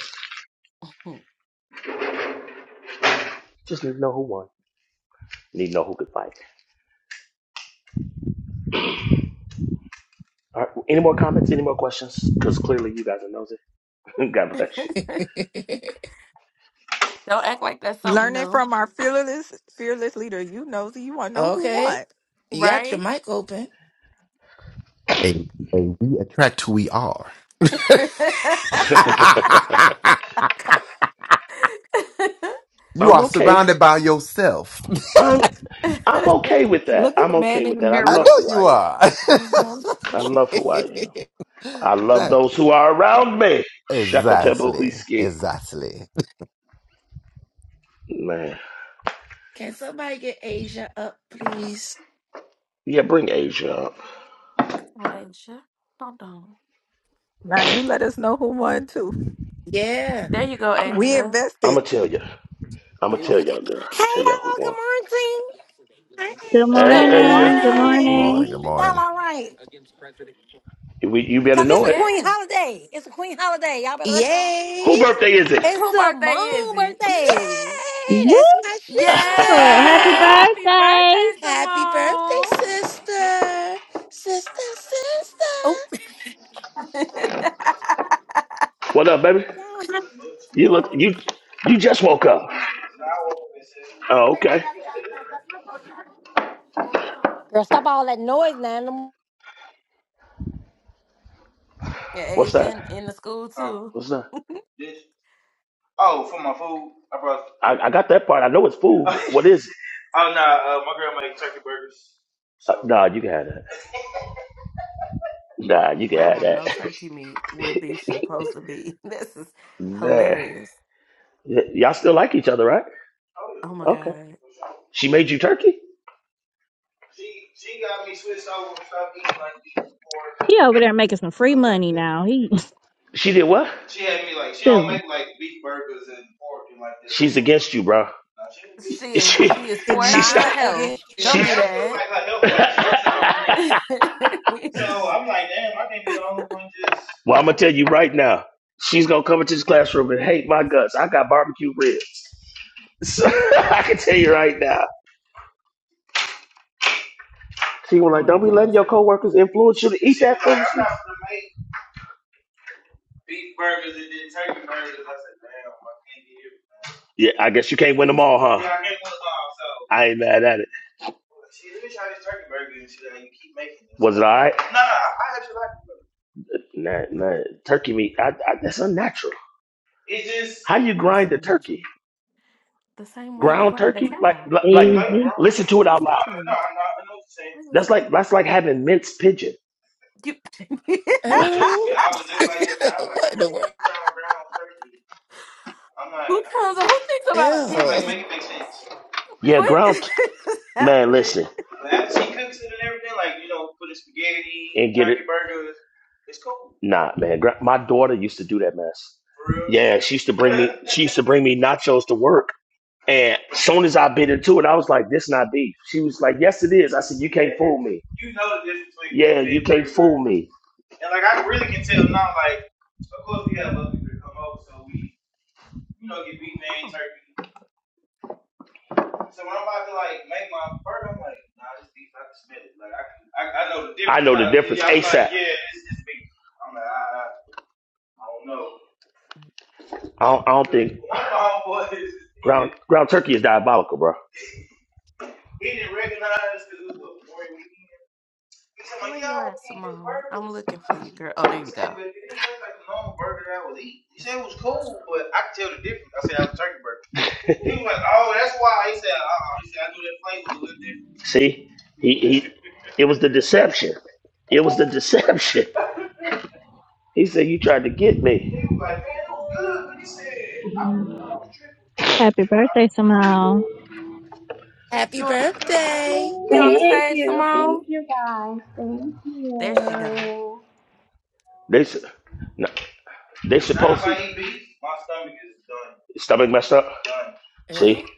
S2: Just need to know who won. Need to know who could fight. All right. Any more comments? Any more questions? Because clearly you guys are nosy. God bless you.
S15: Learning from our fearless fearless leader. You know, so you want to know who
S3: okay,
S15: won.
S3: you got your mic open.
S10: And, and we attract who we are. you
S2: I'm
S10: are
S2: okay.
S10: surrounded by yourself.
S2: I'm I'm okay with that.
S15: Look at
S2: I'm
S15: the man
S2: okay
S15: in
S2: with
S15: the
S2: that. I
S10: I
S2: love
S15: mirror.
S10: know
S2: who I
S10: you
S2: am.
S10: are.
S15: Mhm.
S2: I love who I am. I love those who
S10: exactly.
S2: are around me.
S10: Exactly.
S2: Shakatabuhiski.
S10: Exactly.
S2: Man.
S3: Can somebody get Asia up, please?
S2: Yeah, bring Asia up.
S15: Now you let us know who won too.
S3: Yeah.
S15: We invested.
S2: I'ma tell you. I'ma tell y'all, girl.
S16: Hey
S2: Tell y'all who
S16: y'all, good
S2: won.
S16: morning.
S3: Hi,
S8: Good
S2: Hey, Asia.
S8: morning. Good
S15: I
S3: Asia.
S10: Good
S15: mean,
S8: morning.
S10: morning. Good
S16: Y'all
S10: morning.
S16: all right?
S2: We, you better
S16: Cause it's
S2: know
S16: a
S2: it.
S16: queen holiday. It's a queen holiday. Y'all better recognize.
S2: Who
S3: Yay!
S2: birthday is it?
S16: It's Simone's
S3: Yay!
S16: birthday.
S8: Woo!
S3: That's my
S8: Happy
S3: sister.
S8: birthday.
S3: Happy birthday, sister. Sister,
S16: Oh,
S3: sister.
S2: what up, baby? You look you you just woke up. Oh, okay.
S16: girl, stop all that noise now.
S2: What's that? Huh? What's that? This. Oh, for my food, I, brought. I I got that part. I know it's food. oh What is it? no, Uh, my girl made turkey burgers. Uh, So nah, you can have that. Nah, you can have that. There. Y- y'all still like each other, right? Oh yeah. Okay. She made you turkey? She she got me switched over and stop eating like and
S8: He over there making some free
S2: stuff like
S8: money now.
S2: that.
S8: He
S2: She did what? She had me like she don't
S8: silly.
S2: make like beef burgers and pork and like that. She's against you, bro. Nah, she
S15: it's
S2: She she stop. Now,
S15: not against
S2: She. Like,
S15: you.
S2: that was like her health like So I'm like, damn, I can't be the only one just. well, I'm gonna tell you right now. She's gonna come into this classroom and hate my guts. I got barbecue ribs. So I can tell you right now. She was like, "Don't be letting your coworkers influence you to eat that food. I'm foolishness." beef burgers and then turkey burgers. I said, damn, I can't get it. Yeah, I guess you can't win them all, huh? Yeah, I can't put them all. So I ain't mad at it. she let me try this turkey burger and she like, you keep making this. Was it all right? No, no, I actually like it. Nah, nah. Turkey meat, I, I, that's unnatural. It just How you grind the turkey? Ground turkey? Like, like, yeah, like, no, you're
S8: Easy.
S2: wrong. listen to it out No, loud. no, I know, I know what you're saying. That's like, that's like having minced pigeon. Trust me,
S3: Ew.
S2: I was looking like that when I was like,
S3: what
S2: how
S3: in
S2: the
S3: the
S2: hell you
S3: world?
S2: brown brown turkey? I'm like, I was like,
S3: Ew.
S2: make it make sense. Yeah, ground man, listen But after she cooks it and everything, like, you know, put the spaghetti, and get turkey it. burgers, it's cool. Nah, man, gra- my daughter used to do that mess. For real. Yeah, she used to bring me. She used to bring me nachos to work, and soon as I bit into it, I was like, "This not beef." She was like, "Yes, it is." I said, "You can't fool me." you know the difference between Yeah, beef you and can't turkey burger. fool burger. me. And like I really can tell now, like of course we have other people that come over, so we you know get beef man turkey. So when I'm about to like make my burger, I'm like, nah, this beef, I can smell it. Like I can, I, I know the I difference. I know the Like difference yeah, i like, ASAP. Like, yeah, it's this beef. I'm like, I, I, I don't know. I don't, I don't think One of my homeboys, ground ground turkey is diabolical, bro. he didn't recognize because it was a boring weekend. He said, like, yeah, I was eating this burger. He said, but it didn't look like a normal burger that I was eating. He said it was cool, but I could tell the difference. I said, that was a turkey burger. He was like, oh, that's why. He said, uh-uh. He said, I knew that place was a little See, he, he it was the deception. It was the deception. He said, "You tried to get me." different. He was like, man, it was good. But he said, I thought I was tripping.
S8: Happy birthday, Simone.
S2: They
S3: Happy birthday.
S17: Thank you, thank you guys, thank you.
S2: s- no, they supposed to Sounds like he My stomach is done. stomach messed up. Done. See,
S3: Ew.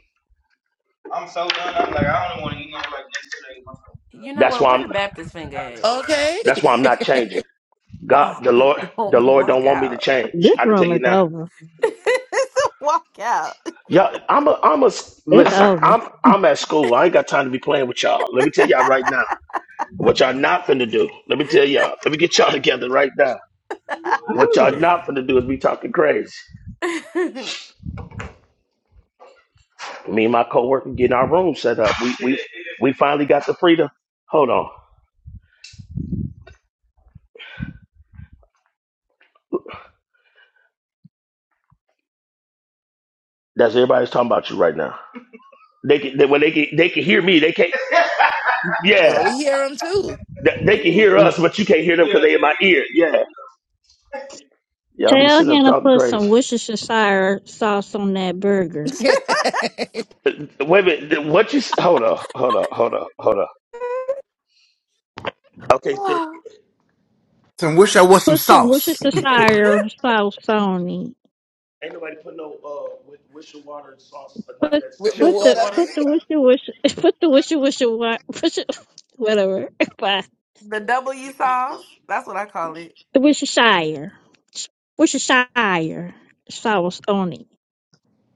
S2: I'm so done. I'm like, I don't want to eat no like yesterday. My stomach is that's why I'm done. I've been so down.
S3: Okay.
S2: that's why I'm not changing. God, the Lord, the Lord don't want me to change.
S8: This
S2: I can tell
S8: room
S2: you
S8: is
S2: now.
S8: over.
S2: Yeah, I'm a, I'm a,
S8: It's
S2: listen,
S8: over.
S2: I'm, I'm at school. I ain't got time to be playing with y'all. Let me tell y'all right now what y'all not finna do. Let me tell y'all. Let me get y'all together right now. What y'all
S17: Mm.
S2: not finna do is be talking crazy. Me and my coworker getting our room set up. We, we, we finally got the freedom. Hold on. That's everybody's talking about you right now. They can, they, well, they can, they can hear me. They can't,
S3: well,
S2: yeah,
S3: we hear them too.
S2: they, they can hear us, but you can't hear them because they in my ear. Yeah. Y'all be
S8: Tell
S2: sitting up
S8: him to
S2: talking
S8: put some
S2: crazy.
S8: Worcestershire sauce on that burger.
S2: Wait a minute. What you s- hold on, hold on, hold on, hold on. Okay, see,
S10: Some wish I was some
S8: Put some
S10: sauce.
S8: Worcestershire sauce on it.
S2: ain't nobody put no uh with wish sauce or none of
S8: Put
S2: that stuff
S3: With your
S2: on
S8: put
S2: no
S8: the
S3: water.
S2: burger.
S8: put the Worcester Worcester put the Worcester Worcester wa- Worcester whatever. Bye. The Worcestershire Worcestershire sauce on it.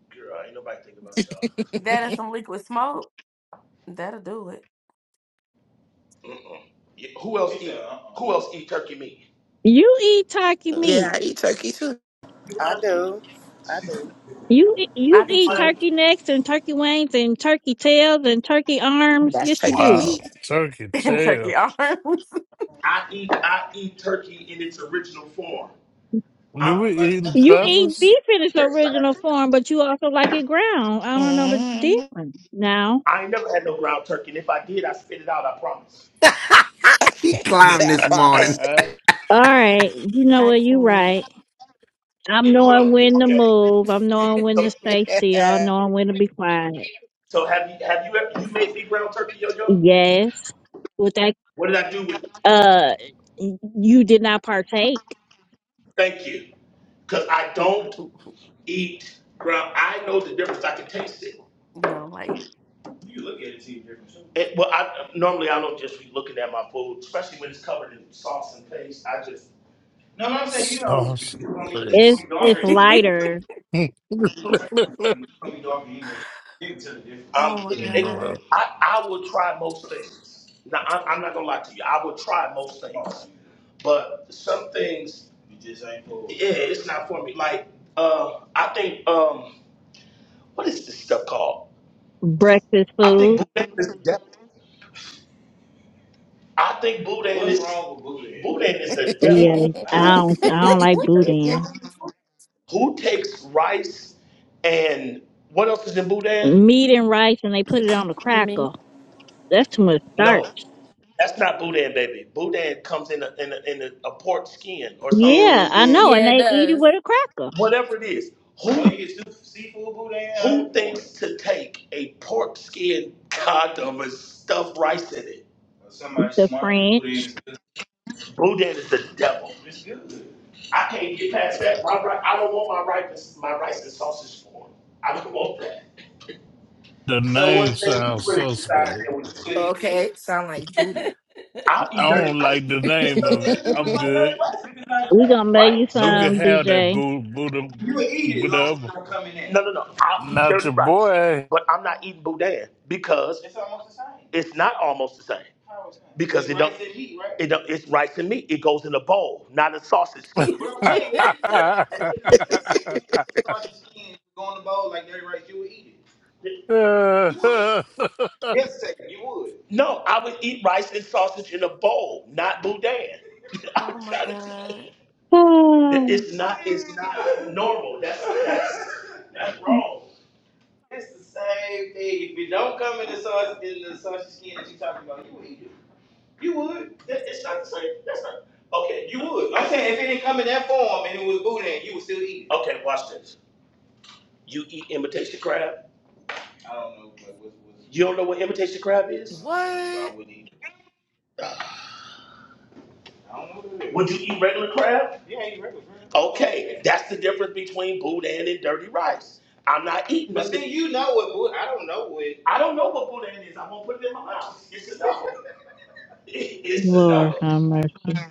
S2: Girl, ain't nobody think about y'all. Mm-mm. Yeah, Who else eat? Who else eat turkey meat?
S8: You eat turkey
S3: Yeah,
S8: meat.
S3: I eat turkey too.
S4: I do. I do.
S8: You eat- you eat turkey necks and turkey wings and turkey tails and turkey arms.
S3: That's
S8: Yes, you
S3: turkey
S8: do.
S12: Wow.
S3: meat.
S12: Turkey tail.
S2: It's original form.
S12: Do we eating
S8: You eat
S12: feathers?
S8: beef in its original form, but you also like it ground. I don't know the
S3: Mm-hmm.
S8: difference now.
S2: What
S10: he climbed
S3: I
S10: this
S3: promise.
S10: morning.
S8: All right, you know what? You right. I'm knowing when to move. I'm knowing when to stay still. I'm knowing when to be quiet. Yes, with that,
S2: did I do with it?
S8: uh, you did not partake.
S2: Thank you. Cause I don't eat ground. I know the difference. I can taste it. It, well, I normally I don't just be looking at my food, especially when it's covered in sauce and paste. I just No, no, I'm saying, you know, it's
S12: Sauce
S2: gonna be, it's gonna
S8: It's
S2: be
S12: please.
S2: darker.
S8: it's
S2: It's gonna be
S8: lighter
S12: Bruh,
S2: darker anyway. Get to the difference. Um, it,
S12: the
S2: I, I will try most things. Now, I'm, I'm not gonna lie to you. I will try most Oh, things, but some things, you just ain't for it. yeah, it's not for me. Like, um, I think, um, what is this stuff called?
S8: breakfast
S2: I think
S8: food.
S2: Buddha is, I think Buddha it. What's wrong with Buddha? Buddha is the
S8: Yeah,
S2: devil.
S8: I
S2: Who, How?
S8: don't I don't like boudin.
S2: who takes rice and what else is in Buddha?
S8: Meat and rice, and they put it on the crackle. That's too much
S2: No.
S8: starch.
S2: That's not Boudin, baby. Boudin comes in a, in a, in a, a pork skin or something,
S8: Yeah, I
S4: Mm-hmm.
S8: know, and they eat it with a cracker.
S2: whatever it is. Who oh, you get seafood Boudin? Who thinks to take a pork skin condom and stuff rice in it? Well, somebody
S8: The
S2: smart because Boudin
S8: French.
S2: is good. Boudin is the devil. It's good. I can't get past that. My, I don't want my rice my rice and sausage form. I don't want that. So what
S12: name
S2: if they
S12: sounds
S2: put it inside
S12: suspect.
S2: there with the squid?
S3: okay, sound like booty.
S2: I'll
S12: I
S2: eat dirty
S12: don't
S2: rice.
S12: like the
S2: It's
S12: name
S2: not-
S12: of it.
S2: it's
S12: I'm
S2: not like dirty
S12: good.
S2: rice.
S8: We gonna make you
S2: Right.
S12: You
S2: So
S12: can
S8: some,
S12: have that
S8: DJ.
S12: boo Buddha
S2: You will eat it as long as it
S12: whatever.
S2: don't come in No, no, no. I'll eat
S12: Not
S2: dirty
S12: your
S2: rice,
S12: boy.
S2: but I'm not eating boudin because It's almost the same. it's not almost the same. How is that? Because It's it don't, rice and meat, right? it don't, it's rice and meat. It goes in a bowl, not a sausage skin. What I'm saying, if, if, if they sausage skin go in the bowl like dirty rice, you would eat it. You would. Yes, sir, you would. No, I would eat rice and sausage in a bowl, not boudin. I'm trying to tell you that
S8: Oh,
S2: it's not, it's not normal. That's that's. It's the same thing. If it don't come in the sausage in the sausage skin that you are talking about, you would eat it. You would. it's not the same. That's not okay. You would. I'm saying if it didn't come in that form and it was boudin, you would still eat it. Okay, watch this. You eat imitation crab. I don't know, but what was You don't know what imitation crab no, is? No, I don't, so I
S3: what?
S2: wouldn't eat it. I don't know Would you eat regular crab? Yeah, I eat regular crab. Okay, Yeah. that's the difference between boudin and dirty rice. I'm not eating But nothing. see, you know what? Bull- I don't know what. I don't know what boudin is. I won't put it in my mouth. It's a no. It's a
S8: Lord
S2: no.
S8: have mercy.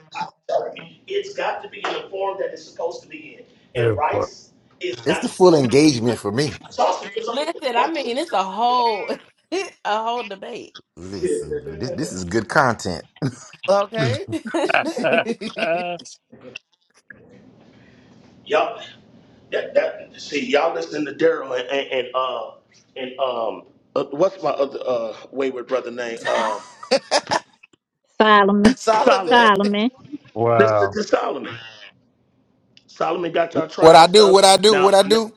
S2: It's got to be in the form that it's supposed to be in. And
S12: That part.
S2: rice is
S10: It's
S2: not
S10: the full
S2: supposed to be.
S10: engagement for me.
S2: Sausage is on rice.
S10: Listen, this this is good content.
S3: Okay.
S2: Yup. That, that, see, y'all listening to Daryl and, and, and, uh, and, um, uh, what's my other, uh, wayward brother name? Um,
S8: Solomon,
S3: Solomon,
S2: Solomon.
S8: Solomon,
S2: Listen
S12: wow.
S2: to Solomon. Solomon got y'all
S10: What
S2: trying
S10: I do,
S2: stuff.
S10: what I do, what
S2: Now,
S10: I
S2: n-
S10: do.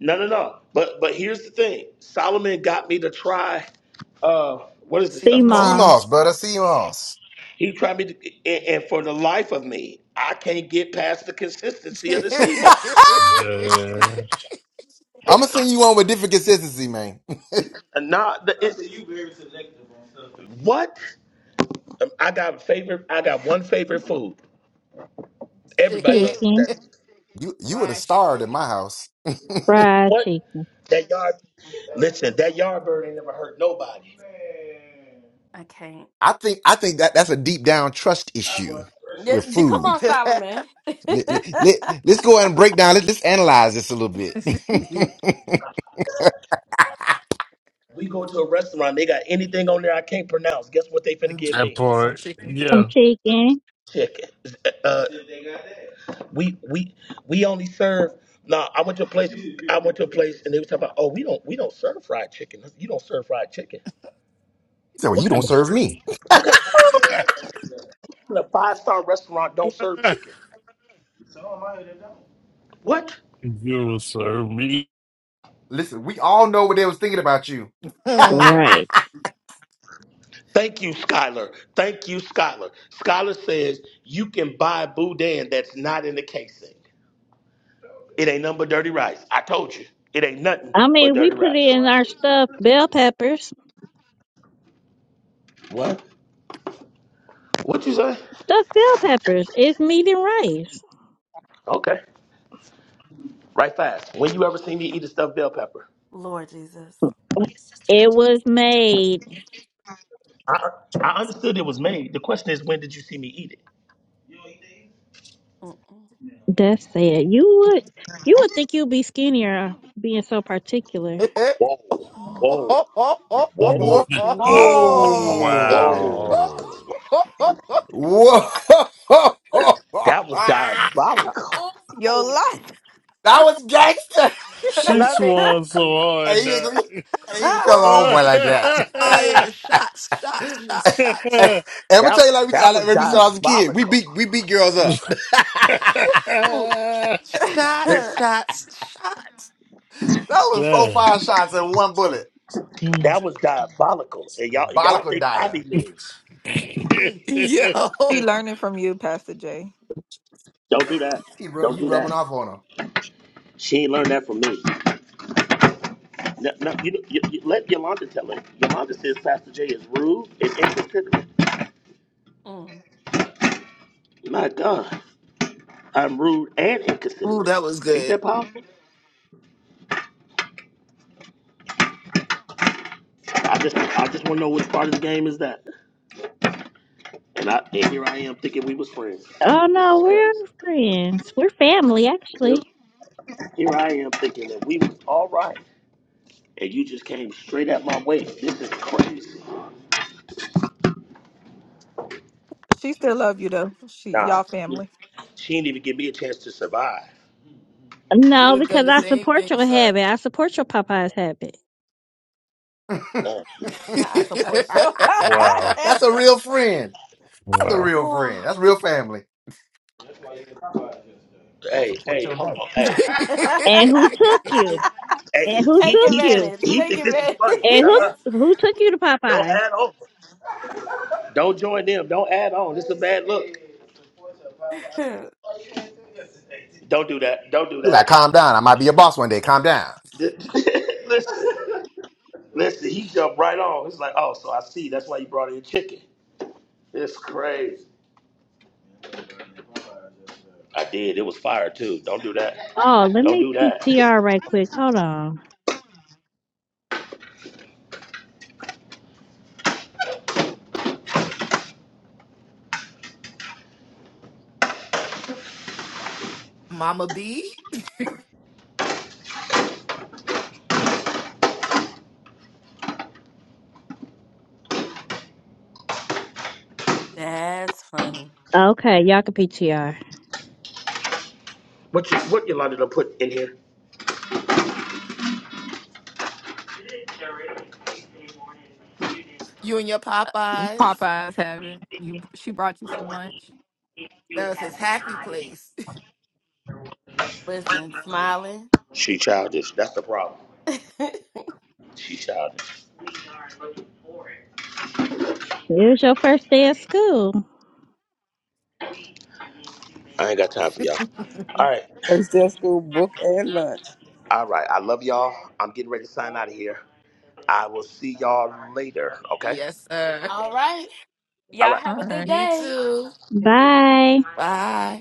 S2: no, no, no. But but here's the thing. Solomon got me to try. Uh, what is this
S3: See
S8: sea
S2: stuff called?
S8: mom,
S10: CMOS,
S3: moss,
S10: brother, CMOS.
S2: He tried me to, and, and for the life of me, I can't get past the consistency of the sea moss.
S12: Man.
S10: I'ma send you on with different consistency, man.
S2: And not the. It's, you very selective on stuff. What? Um, I got favorite. I got one favorite food. Everybody
S3: chicken,
S2: knows what that
S8: chicken,
S2: is.
S10: You you were the
S3: fried
S10: star at my
S3: chicken,
S10: house. I
S8: fried
S2: What?
S8: chicken,
S2: That yard. Listen, that yard bird ain't never hurt nobody.
S10: think I think that that's a deep down trust issue with food. Let, let, us go ahead and break down. Let, let's analyze this a little bit.
S2: We go to a restaurant, they got anything on there I can't pronounce. Guess what they finna give
S12: That
S2: me?
S3: some
S12: part,
S3: chicken.
S8: some
S12: yeah.
S8: chicken.
S2: Chicken. Uh, They got that. we we we only serve. Nah, I went to a place. I went to a place and they was talking about, oh, we don't we don't serve fried chicken. You don't serve fried chicken.
S10: so
S2: What
S10: you don't
S2: kind of
S12: you
S10: serve me.
S2: what kind of five star restaurant don't serve chicken? Some of mine They don't. What?
S12: serve me.
S10: Listen, we all know what they was thinking about you.
S3: Hmm.
S8: Right.
S2: Thank you, Skylar. Thank you, Skylar. Skylar says you can buy boudin that's not in the casing. It ain't nothing but dirty rice. I told you. It ain't nothing
S8: I
S2: but
S8: mean, we
S2: dirty
S8: put
S2: rice.
S8: in our stuffed bell peppers.
S2: What? What you say?
S8: Stuffed bell peppers. It's meat and rice.
S2: Okay. Right fast. When you ever seen me eat a stuffed bell pepper?
S8: It was made.
S2: I I understood it was made. The question is, when did you see me eat it?
S8: That's sad. You would, you would think you'd be skinnier being so particular.
S2: Whoa, whoa, whoa,
S10: Whoa.
S15: Whoa.
S2: whoa.
S12: wow.
S10: Whoa! that
S2: That was diabolical.
S15: Your life.
S10: was gangster.
S12: She
S15: Love it.
S12: swung so
S10: Hey,
S12: hard. uh,
S10: you, hey, you become a homeboy
S3: Woo!
S10: like that.
S3: Shots fired. Shots, shots, shots, shots.
S10: and I'm gonna
S2: That
S10: tell you like we, I,
S2: that
S10: like
S2: was
S10: when we saw as a kid, we
S2: diabolical.
S10: beat we beat girls up. that
S3: Ooh. Shots,
S2: Listen,
S3: shots, shots.
S10: was four
S12: Damn.
S10: five shots and one bullet.
S2: that was diabolical. And y'all y'all think I
S10: Balakondaya.
S2: be mean.
S3: Yo.
S15: She learning from you, Pastor Jay.
S2: Don't do that.
S10: He ru-
S2: Don't
S10: you
S2: do
S10: rubbing
S2: that.
S10: off on
S2: She ain't learned that from me. No, no, you, you, you let Yolanda tell it. Yolanda says Pastor J is rude and inconsiderate. My God, I'm rude and
S3: Ooh,
S2: inconsiderate.
S3: that was
S2: Ain't
S3: good.
S2: that powerful? I just, I just want to know which part of the game is that. And I, and here I am thinking we was friends.
S8: Oh
S2: This
S8: no,
S2: is crazy.
S8: we're friends. We're family,
S2: Here,
S8: actually.
S2: here I am thinking that we was all right, and you just came straight at my way. This is crazy.
S15: She still love you though. She
S2: Nah,
S15: y'all family.
S2: she didn't even give me a chance to survive.
S3: You would
S8: No,
S3: have
S8: because
S3: done the
S8: I
S3: same thing,
S8: support your
S3: sir.
S8: habit. I support your Popeye's habit.
S10: him.
S2: Uh,
S12: wow.
S10: That's a real friend. That's a
S12: Wow.
S10: real friend. That's real family. I gotta
S2: Hey,
S10: support
S2: hey,
S10: your
S2: hold
S10: name.
S2: on, hey.
S8: And who took you?
S2: Hey,
S8: And
S2: he
S8: who
S2: he
S8: took
S2: he, should-
S8: you?
S2: he think this is funny.
S8: And who
S2: Uh-uh.
S8: who took you to
S2: Don't
S8: Popeye's?
S2: add over. Don't join them. Don't add on. This is a bad look. Don't do that. Don't do
S10: You
S2: that.
S10: gotta calm down. I might be your boss one day. Calm down.
S2: Th- listen, listen. He jumped right on. He's like, oh, so I see. That's why you brought in chicken. It's crazy. I did. It was fire too. Don't do that.
S8: Oh, let
S2: Don't
S8: me
S2: do that.
S8: PTR right quick. Hold on.
S3: Mama B,
S8: Okay, y'all can PTR.
S2: What you what Yolanda done put in here?
S3: you and your Popeyes.
S15: Popeyes have it. You she brought you some lunch.
S3: That was his happy place.
S2: She childish. That's the problem. She childish.
S8: It was your first day of school.
S2: I ain't got time for y'all. All right.
S7: First day of school, book and lunch.
S2: All right. I love y'all. I'm getting ready to sign out of here. I will see y'all later. Okay.
S3: yes, sir.
S2: All right.
S15: All right.
S3: You too.
S8: Bye.
S3: Bye.